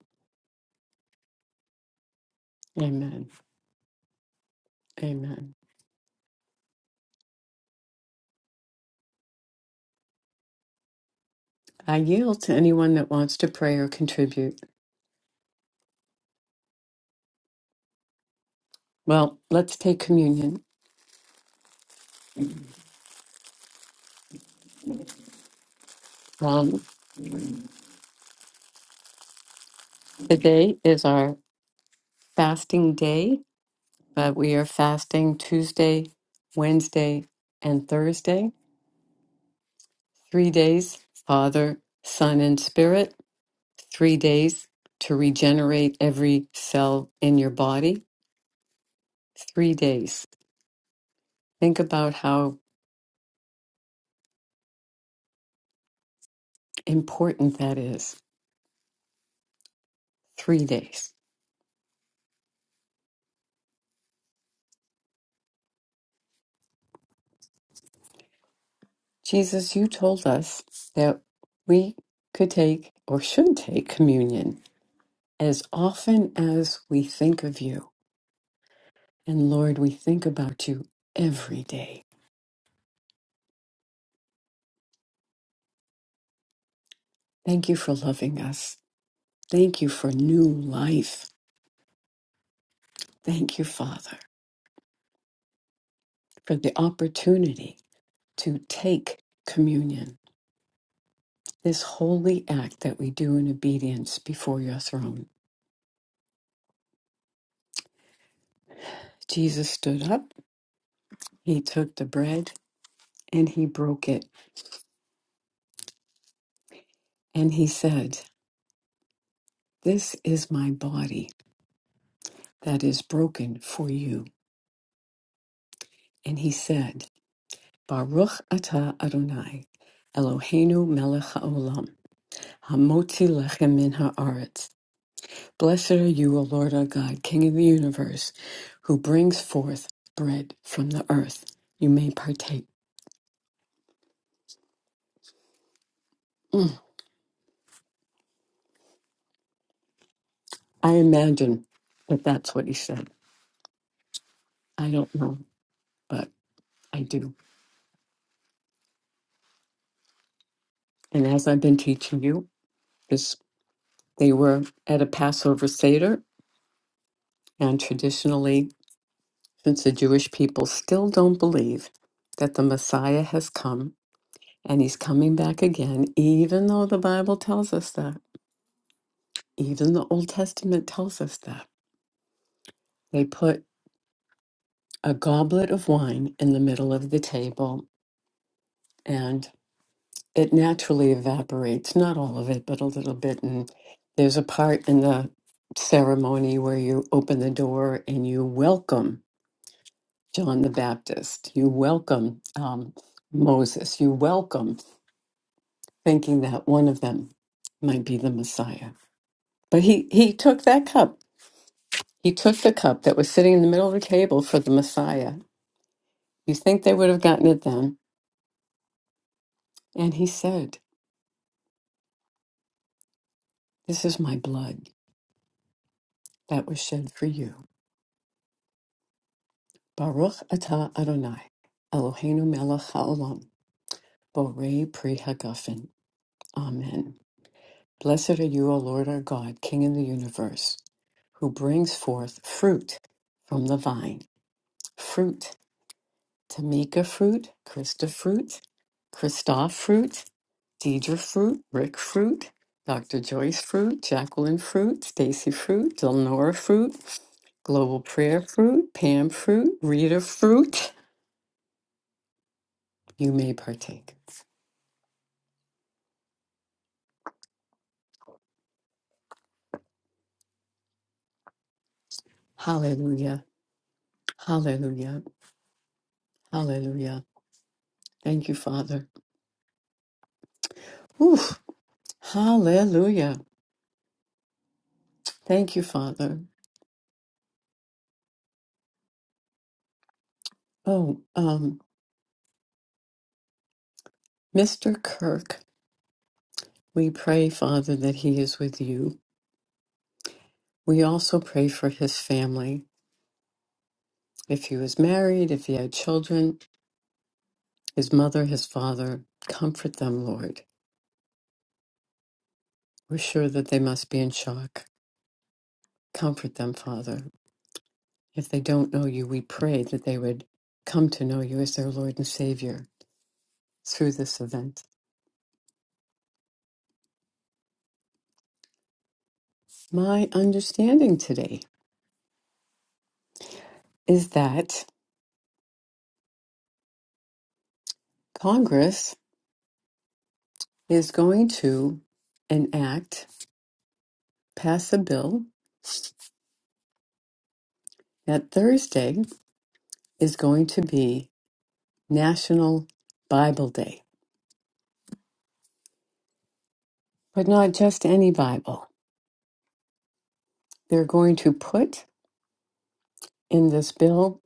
Speaker 1: Amen. Amen. I yield to anyone that wants to pray or contribute. Well, let's take communion. Um, today is our fasting day. but we are fasting Tuesday, Wednesday, and Thursday. Three days, Father, Son, and Spirit. Three days to regenerate every cell in your body. Three days. Think about how important that is. Three days. Jesus, you told us that we could take or should take communion as often as we think of you. And Lord, we think about you every day. Thank you for loving us. Thank you for new life. Thank you, Father, for the opportunity to take communion, this holy act that we do in obedience before your throne. Jesus stood up, he took the bread, and he broke it. And he said, This is my body that is broken for you. And he said, Baruch atah Adonai, Eloheinu melech haolam, hamotzi lechem min haaretz. Blessed are you, O Lord our God, King of the universe, who brings forth bread from the earth. You may partake. Mm. I imagine that that's what he said. I don't know, but I do. And as I've been teaching you, this they were at a Passover Seder, and traditionally, since the Jewish people still don't believe that the Messiah has come and he's coming back again, even though the Bible tells us that, even the Old Testament tells us that, they put a goblet of wine in the middle of the table, and it naturally evaporates, not all of it, but a little bit. And there's a part in the ceremony where you open the door and you welcome John the Baptist, you welcome um, Moses, you welcome thinking that one of them might be the Messiah. But he, he took that cup. He took the cup that was sitting in the middle of the table for the Messiah. You think they would have gotten it then? And he said, This is my blood that was shed for you. Baruch atah Adonai, Eloheinu melech haolam, borei pri hagafen. Amen. Blessed are you, O Lord our God, King of the universe, who brings forth fruit from the vine, fruit Tamika fruit, Krista fruit, Christoph fruit, Deidre fruit, Rick fruit, Dr. Joyce fruit, Jacqueline fruit, Stacy fruit, Delnora fruit, Global prayer fruit, Pam fruit, Rita fruit. You may partake. Hallelujah. Hallelujah. Hallelujah. Thank you, Father. Oof. Hallelujah. Thank you, Father. Oh, um, Mr. Kirk, we pray, Father, that he is with you. We also pray for his family. If he was married, if he had children, his mother, his father, comfort them, Lord. We're sure that they must be in shock. Comfort them, Father. If they don't know you, we pray that they would come to know you as their Lord and Savior through this event. My understanding today is that Congress is going to enact, pass a bill that Thursday is going to be National Bible Day. But not just any Bible. They're going to put in this bill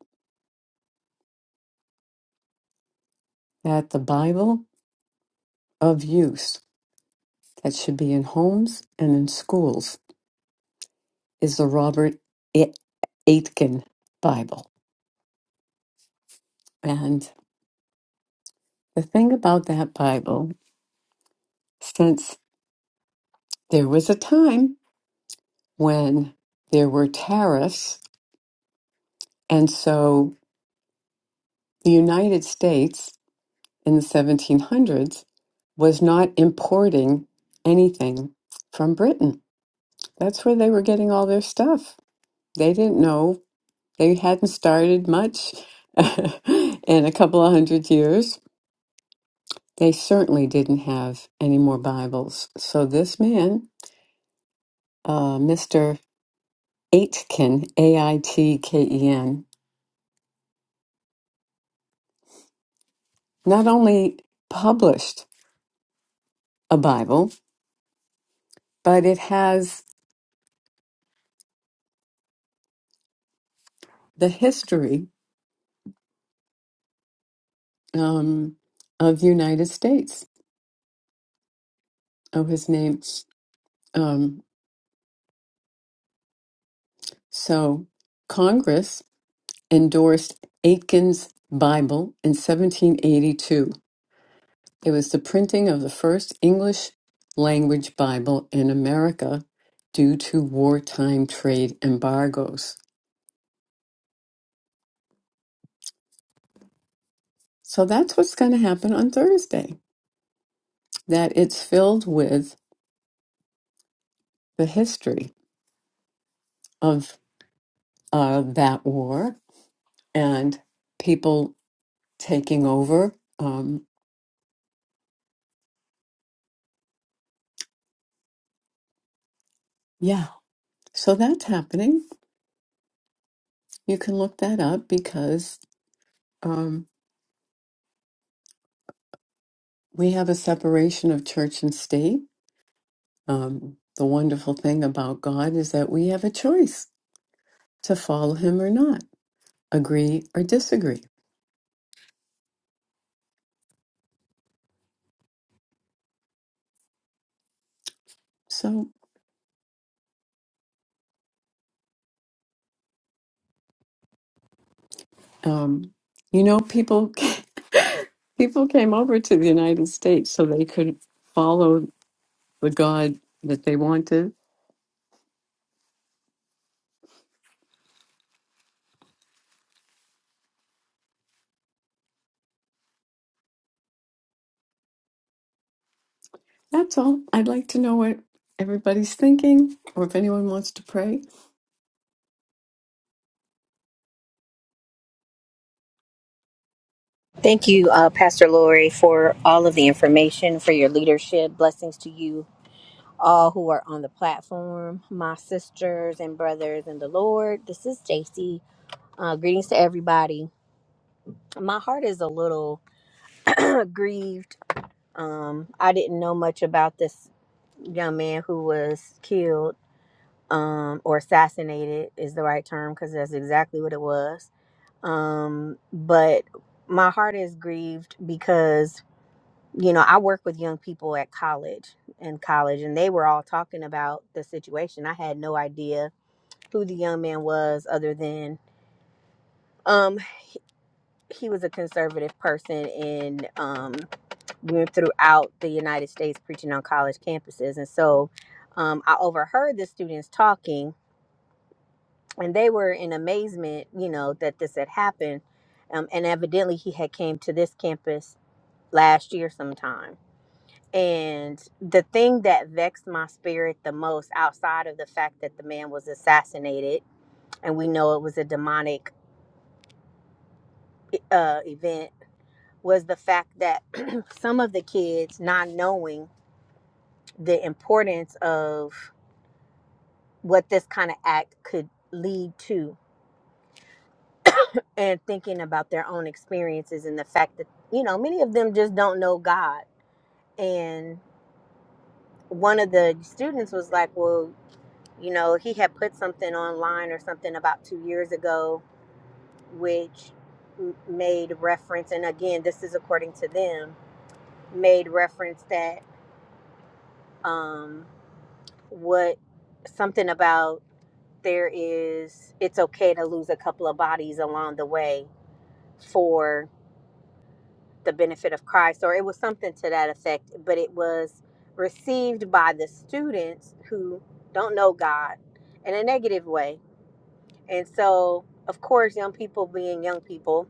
Speaker 1: that the Bible of use that should be in homes and in schools is the Robert A- Aitken Bible. And the thing about that Bible, since there was a time when there were tariffs, and so the United States in the 1700s was not importing anything from Britain That's where they were getting all their stuff. They didn't know. They hadn't started much [LAUGHS] in a couple of hundred years. They certainly didn't have any more Bibles. So this man, uh, Mr. Aitken, A I T K E N, not only published a Bible, but it has the history um, of United States. Oh, his name. Um, so Congress endorsed Aitken's Bible in 1782. It was the printing of the first English language Bible in America due to wartime trade embargoes. So that's what's going to happen on Thursday, that it's filled with the history of uh, that war and people taking over. Um, yeah, so that's happening. You can look that up because. um, We have a separation of church and state. Um, the wonderful thing about God is that we have a choice to follow Him or not, agree or disagree. So, um, you know, people [LAUGHS] people came over to the United States so they could follow the God that they wanted. That's all. I'd like to know what everybody's thinking, or if anyone wants to pray.
Speaker 5: Thank you, uh, Pastor Lori, for all of the information, for your leadership. Blessings to you all who are on the platform, my sisters and brothers in the Lord. This is Stacy. Uh, greetings to everybody. My heart is a little [CLEARS THROAT] grieved. Um, I didn't know much about this young man who was killed um, or assassinated, is the right term, because that's exactly what it was. Um, but my heart is grieved because you know, I work with young people at college in college, and they were all talking about the situation. I had no idea who the young man was, other than um, he, he was a conservative person and um, went throughout the United States preaching on college campuses. And so, um, I overheard the students talking, and they were in amazement, you know, that this had happened. Um, and evidently, he had came to this campus last year sometime And the thing that vexed my spirit the most, outside of the fact that the man was assassinated and we know it was a demonic uh, event, was the fact that [CLEARS THROAT] some of the kids, not knowing the importance of what this kind of act could lead to, and thinking about their own experiences and the fact that, you know, many of them just don't know God. And one of the students was like, Well, You know, he had put something online or something about two years ago, which made reference, and again, this is according to them, made reference that um, what something about there is, it's okay to lose a couple of bodies along the way for the benefit of Christ, or it was something to that effect, but it was received by the students who don't know God in a negative way And so, of course, young people being young people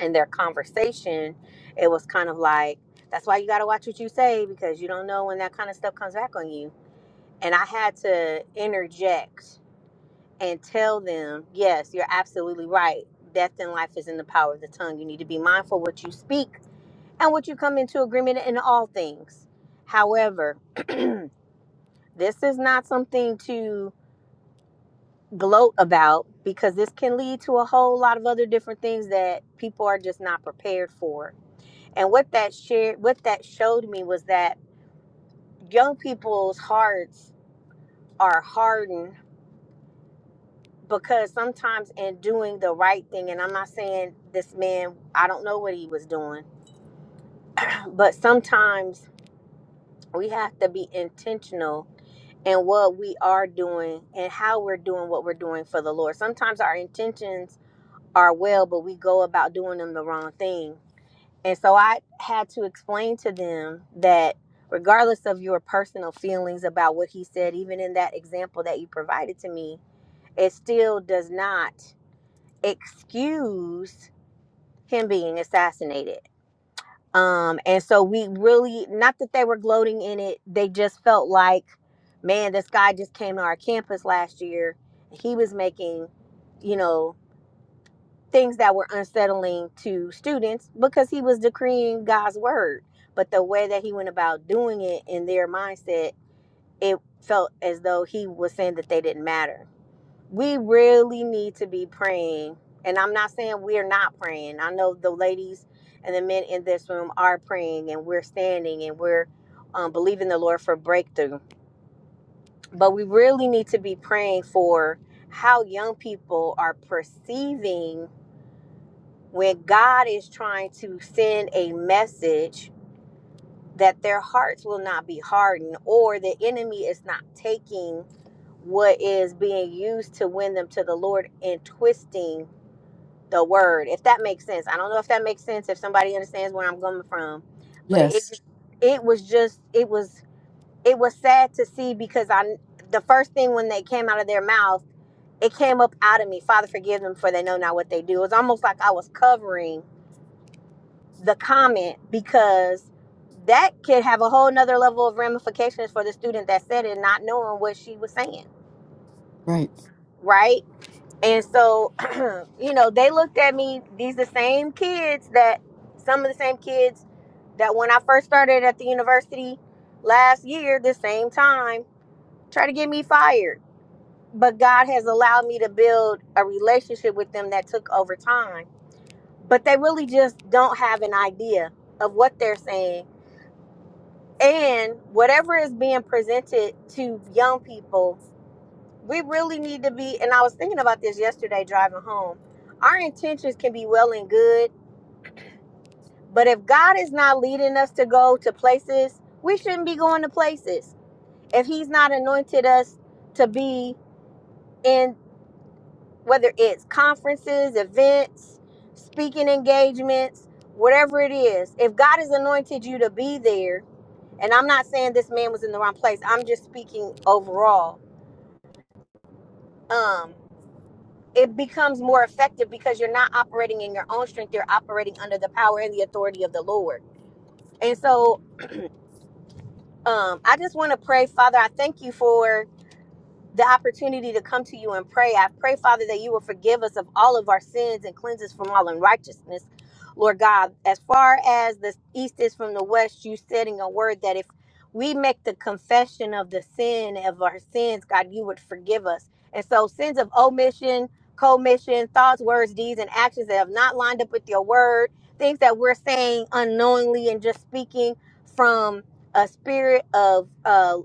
Speaker 5: in their conversation, it was kind of like, that's why you got to watch what you say because you don't know when that kind of stuff comes back on you. And I had to interject and tell them, yes, you're absolutely right. Death and life is in the power of the tongue. You need to be mindful what you speak and what you come into agreement in all things. However, this is not something to gloat about because this can lead to a whole lot of other different things that people are just not prepared for. And what that shared what that showed me was that young people's hearts are hardened because sometimes in doing the right thing and I'm not saying this man I don't know what he was doing, [CLEARS THROAT] but sometimes we have to be intentional in what we are doing and how we're doing what we're doing for the Lord. Sometimes our intentions are well, but we go about doing them the wrong thing And so I had to explain to them that regardless of your personal feelings about what he said, even in that example that you provided to me, it still does not excuse him being assassinated. Um, and so we really, not that they were gloating in it, they just felt like, man, this guy just came to our campus last year. He was making, you know, things that were unsettling to students because he was decreeing God's word. But the way that he went about doing it in their mindset, it felt as though he was saying that they didn't matter. We really need to be praying. And I'm not saying we're not praying. I know the ladies and the men in this room are praying and we're standing and we're um, believing the Lord for breakthrough. But we really need to be praying for how young people are perceiving where God is trying to send a message that their hearts will not be hardened or the enemy is not taking what is being used to win them to the Lord and twisting the word. If that makes sense. I don't know if that makes sense if somebody understands where I'm coming from, but it
Speaker 1: Yes,
Speaker 5: it was just it was it was sad to see because I the first thing when they came out of their mouth, it came up out of me, Father forgive them for they know not what they do. It was almost like I was covering the comment because that could have a whole nother level of ramifications for the student that said it not knowing what she was saying
Speaker 1: right.
Speaker 5: right and so [CLEARS THROAT] you know they looked at me these the same kids that some of the same kids that when i first started at the university last year this same time tried to get me fired but god has allowed me to build a relationship with them that took over time but they really just don't have an idea of what they're saying and whatever is being presented to young people we really need to be and i was thinking about this yesterday driving home our intentions can be well and good but if god is not leading us to go to places we shouldn't be going to places if he's not anointed us to be in whether it's conferences events speaking engagements whatever it is if god has anointed you to be there and i'm not saying this man was in the wrong place i'm just speaking overall um it becomes more effective because you're not operating in your own strength you're operating under the power and the authority of the lord and so um i just want to pray father i thank you for the opportunity to come to you and pray. I pray, Father, that you will forgive us of all of our sins and cleanse us from all unrighteousness. Lord God, as far as the east is from the west, you said in your word that if we make the confession of the sin of our sins, God, you would forgive us. And so, sins of omission, commission, thoughts, words, deeds, and actions that have not lined up with your word, things that we're saying unknowingly and just speaking from a spirit of uh,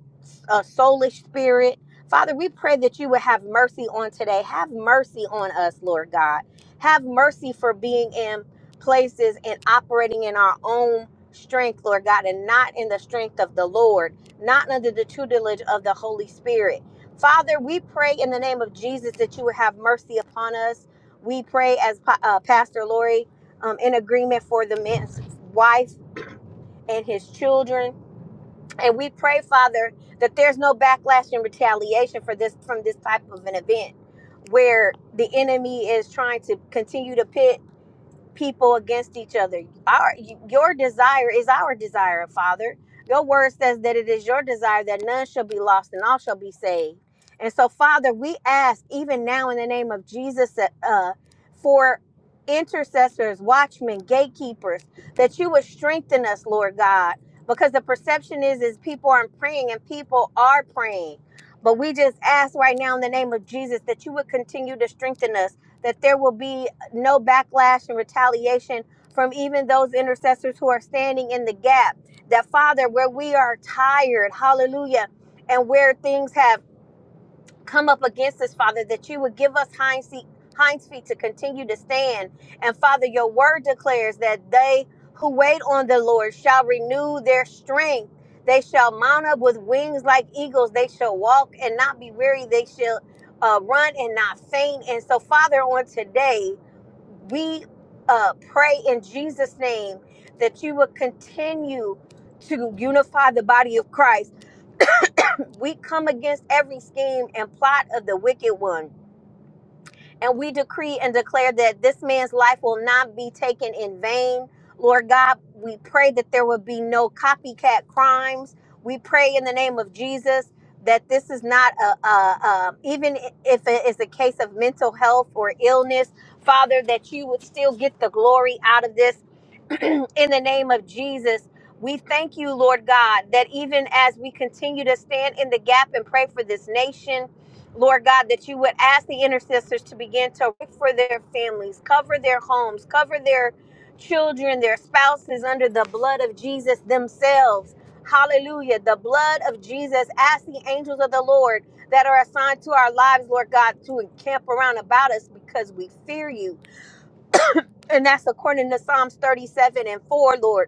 Speaker 5: a soulish spirit Father, we pray that you would have mercy on today. Have mercy on us, Lord God. Have mercy for being in places and operating in our own strength, Lord God, and not in the strength of the Lord, not under the tutelage of the Holy Spirit. Father, we pray in the name of Jesus that you would have mercy upon us. We pray as Pa- uh, Pastor Lori um, in agreement for the man's wife and his children. And we pray, Father, that there's no backlash and retaliation for this from this type of an event where the enemy is trying to continue to pit people against each other. Our your desire is our desire, Father. Your word says that it is your desire that none shall be lost and all shall be saved. And so, Father, we ask even now in the name of Jesus that, uh, for intercessors, watchmen, gatekeepers, that you would strengthen us, Lord God, because the perception is is people aren't praying and people are praying. But we just ask right now in the name of Jesus that you would continue to strengthen us that there will be no backlash and retaliation from even those intercessors who are standing in the gap. That, Father, where we are tired, hallelujah, and where things have come up against us, Father, that you would give us hinds feet, hinds feet to continue to stand. And, Father, your word declares that they who wait on the Lord shall renew their strength. They shall mount up with wings like eagles. They shall walk and not be weary. They shall uh, run and not faint. And so, Father, on today, we uh, pray in Jesus' name that you will continue to unify the body of Christ. [CLEARS THROAT] We come against every scheme and plot of the wicked one and we decree and declare that this man's life will not be taken in vain. Lord God, we pray that there will be no copycat crimes. We pray in the name of Jesus that this is not a, a, a even if it is a case of mental health or illness, Father, that you would still get the glory out of this [CLEARS THROAT] in the name of Jesus. We thank you, Lord God, that even as we continue to stand in the gap and pray for this nation, Lord God, that you would ask the intercessors to begin to pray for their families, cover their homes, cover their children, their spouses under the blood of Jesus themselves. Hallelujah. The blood of Jesus. Ask the angels of the Lord that are assigned to our lives, Lord God, to encamp around about us because we fear you. And that's according to Psalms 37 and 4, Lord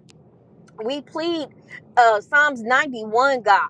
Speaker 5: we plead uh Psalms 91 God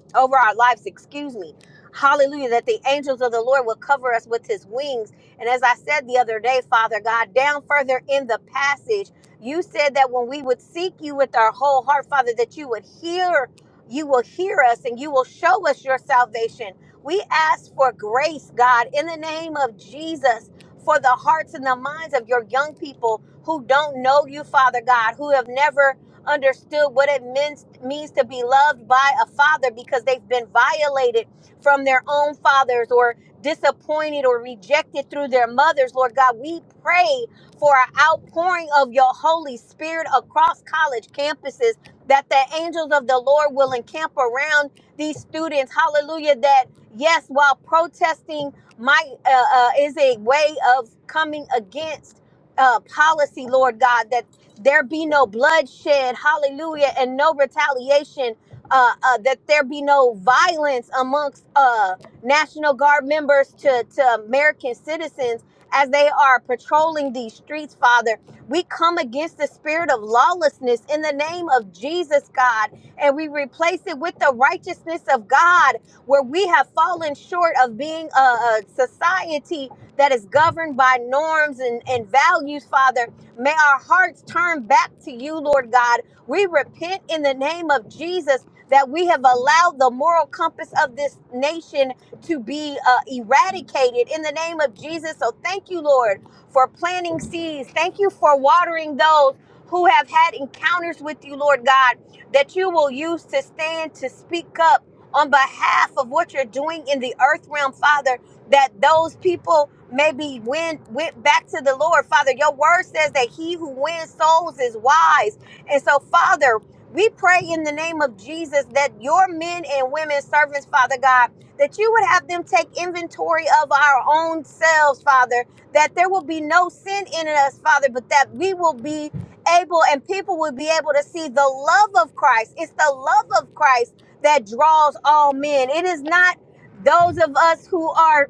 Speaker 5: [CLEARS THROAT] over our lives, excuse me. Hallelujah, that the angels of the Lord will cover us with his wings. And as I said the other day, Father God, down further in the passage, you said that when we would seek you with our whole heart, Father, that you would hear, you will hear us and you will show us your salvation. We ask for grace, God, in the name of Jesus, for the hearts and the minds of your young people who don't know you, Father God, who have never understood what it means means to be loved by a father because they've been violated from their own fathers or disappointed or rejected through their mothers. Lord God, we pray for an outpouring of your Holy Spirit across college campuses that the angels of the Lord will encamp around these students. Hallelujah. That, yes, while protesting, might uh, uh, is a way of coming against. Uh, policy, Lord God, that there be no bloodshed, hallelujah, and no retaliation, uh, uh, that there be no violence amongst uh, National Guard members to, to American citizens as they are patrolling these streets, Father. We come against the spirit of lawlessness in the name of Jesus, God, and we replace it with the righteousness of God, where we have fallen short of being a, a society that is governed by norms and, and values, Father. May our hearts turn back to you, Lord God. We repent in the name of Jesus that we have allowed the moral compass of this nation to be uh, eradicated in the name of Jesus. So thank you, Lord, for planting seeds. Thank you for watering those who have had encounters with you, Lord God, that you will use to stand to speak up on behalf of what you're doing in the earth realm, Father that those people maybe went went back to the Lord. Father, your word says that he who wins souls is wise. And so, Father, we pray in the name of Jesus that your men and women servants, Father God, that you would have them take inventory of our own selves, Father, that there will be no sin in us, Father, but that we will be able and people will be able to see the love of Christ. It's the love of Christ that draws all men. It is not those of us who are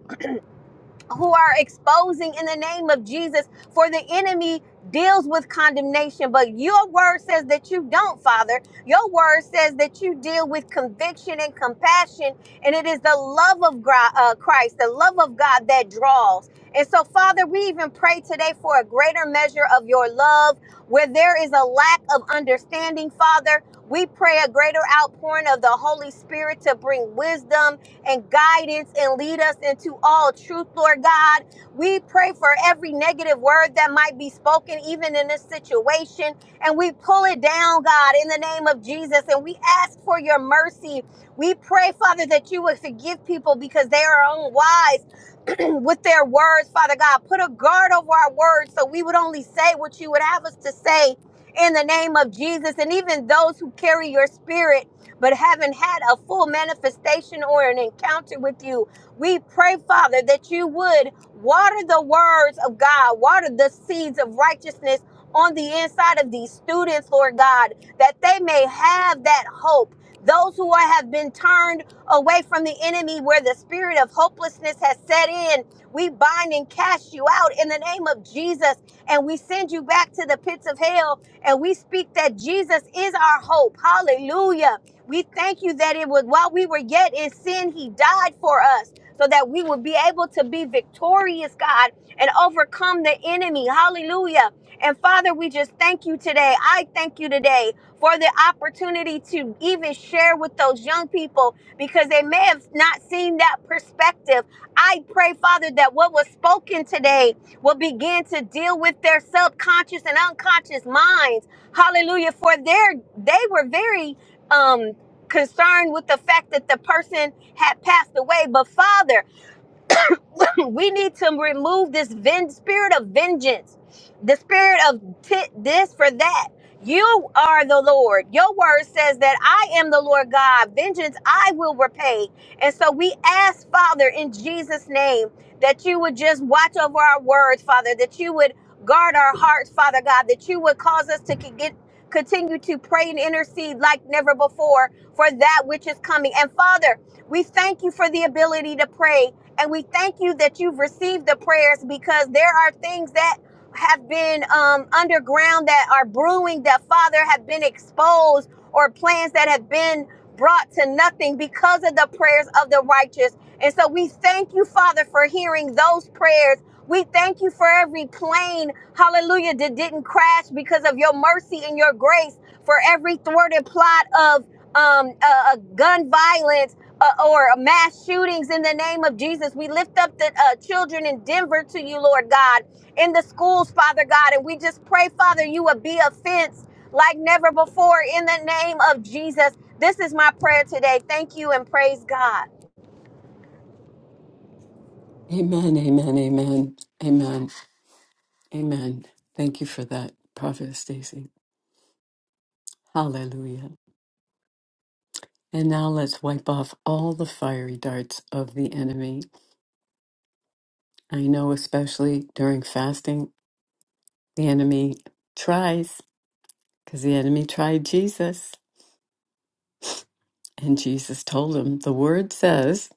Speaker 5: who are exposing in the name of Jesus, for the enemy deals with condemnation. But your word says that you don't, Father. Your word says that you deal with conviction and compassion, and it is the love of Gri- uh, Christ, the love of God that draws. And so, Father, we even pray today for a greater measure of your love where there is a lack of understanding, Father. We pray a greater outpouring of the Holy Spirit to bring wisdom, and guidance and lead us into all truth, Lord God. We pray for every negative word that might be spoken, even in this situation, and we pull it down, God, in the name of Jesus. And we ask for your mercy. We pray, Father, that you would forgive people because they are unwise [CLEARS THROAT] with their words, Father God. Put a guard over our words so we would only say what you would have us to say in the name of Jesus. And even those who carry your spirit but haven't had a full manifestation or an encounter with you. We pray, Father, that you would water the words of God, water the seeds of righteousness on the inside of these students, Lord God, that they may have that hope. Those who are- have been turned away from the enemy, where the spirit of hopelessness has set in, we bind and cast you out in the name of Jesus, and we send you back to the pits of hell, and we speak that Jesus is our hope. Hallelujah we thank you that it was while we were yet in sin, he died for us so that we would be able to be victorious, God, and overcome the enemy. Hallelujah. And Father, we just thank you today. I thank you today for the opportunity to even share with those young people because they may have not seen that perspective. I pray, Father, that what was spoken today will begin to deal with their subconscious and unconscious minds. Hallelujah. For their they were very um concerned with the fact that the person had passed away. But Father, [LAUGHS] [CLEARS THROAT] we need to remove this ven- spirit of vengeance, the spirit of ti- this for that. You are the Lord. Your word says that I am the Lord God. Vengeance I will repay. And so we ask, Father, in Jesus' name, that you would just watch over our words, Father, that you would guard our hearts, Father God, that you would cause us to con- get continue to pray and intercede like never before for that which is coming. And Father, we thank you for the ability to pray. And we thank you that you've received the prayers because there are things that have been um, underground that are brewing that father have been exposed or plans that have been brought to nothing because of the prayers of the righteous and so we thank you father for hearing those prayers we thank you for every plane hallelujah that didn't crash because of your mercy and your grace for every thwarted plot of um, uh, uh, gun violence uh, or mass shootings in the name of jesus we lift up the uh, children in denver to you lord god in the schools, Father God. And we just pray, Father, you would be a fence like never before in the name of Jesus. This is my prayer today. Thank you and praise God.
Speaker 1: Amen. Amen. Amen. Amen. Amen. Thank you for that, Prophet Stacy. Hallelujah. And now let's wipe off all the fiery darts of the enemy. I know, especially during fasting, the enemy tries, because the enemy tried Jesus, and Jesus told him, The word says,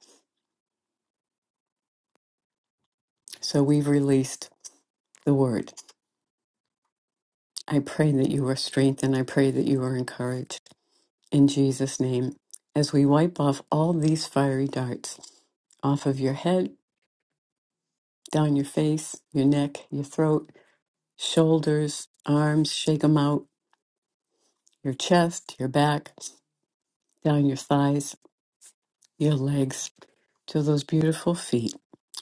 Speaker 1: so we've released the word. I pray that you are strengthened. I pray that you are encouraged. In Jesus' name, as we wipe off all these fiery darts off of your head, down your face, your neck, your throat, shoulders, arms, shake them out, your chest, your back, down your thighs, your legs, to those beautiful feet,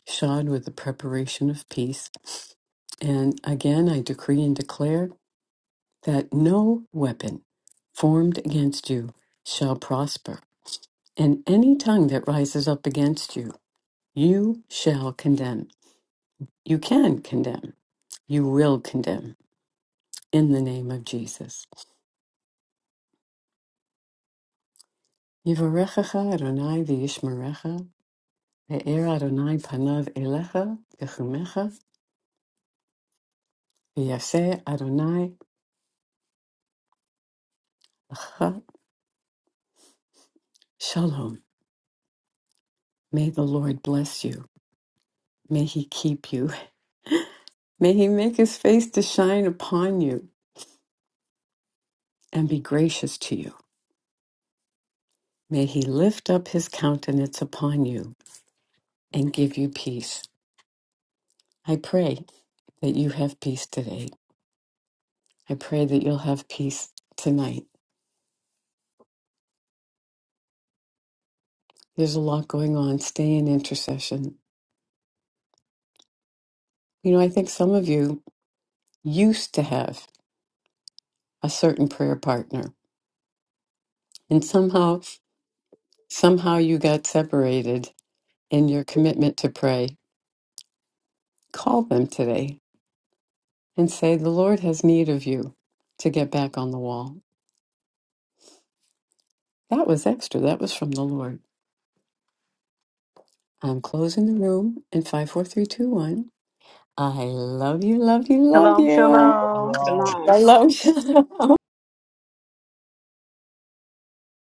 Speaker 1: shod with the preparation of peace. And again, I decree and declare that no weapon formed against you shall prosper, and any tongue that rises up against you, you shall condemn. You can condemn. You will condemn in the name of Jesus. Yivarechecha Adonai v'yishmerecha. Me'er Adonai panav elecha techumecha v'yaseh Adonai lecha shalom. May the Lord bless you. May he keep you. May he make his face to shine upon you and be gracious to you. May he lift up his countenance upon you and give you peace. I pray that you have peace today. I pray that you'll have peace tonight. There's a lot going on. Stay in intercession. You know, I think some of you used to have a certain prayer partner And somehow, somehow you got separated in your commitment to pray. Call them today and say, The Lord has need of you to get back on the wall. That was extra. That was from the Lord. I'm closing the room in 54321. I love you, love you,
Speaker 4: [LAUGHS]
Speaker 1: love
Speaker 4: Shalom,
Speaker 1: you.
Speaker 6: Love you
Speaker 4: shalom.
Speaker 6: all.
Speaker 7: Shalom.
Speaker 1: I love you. [LAUGHS]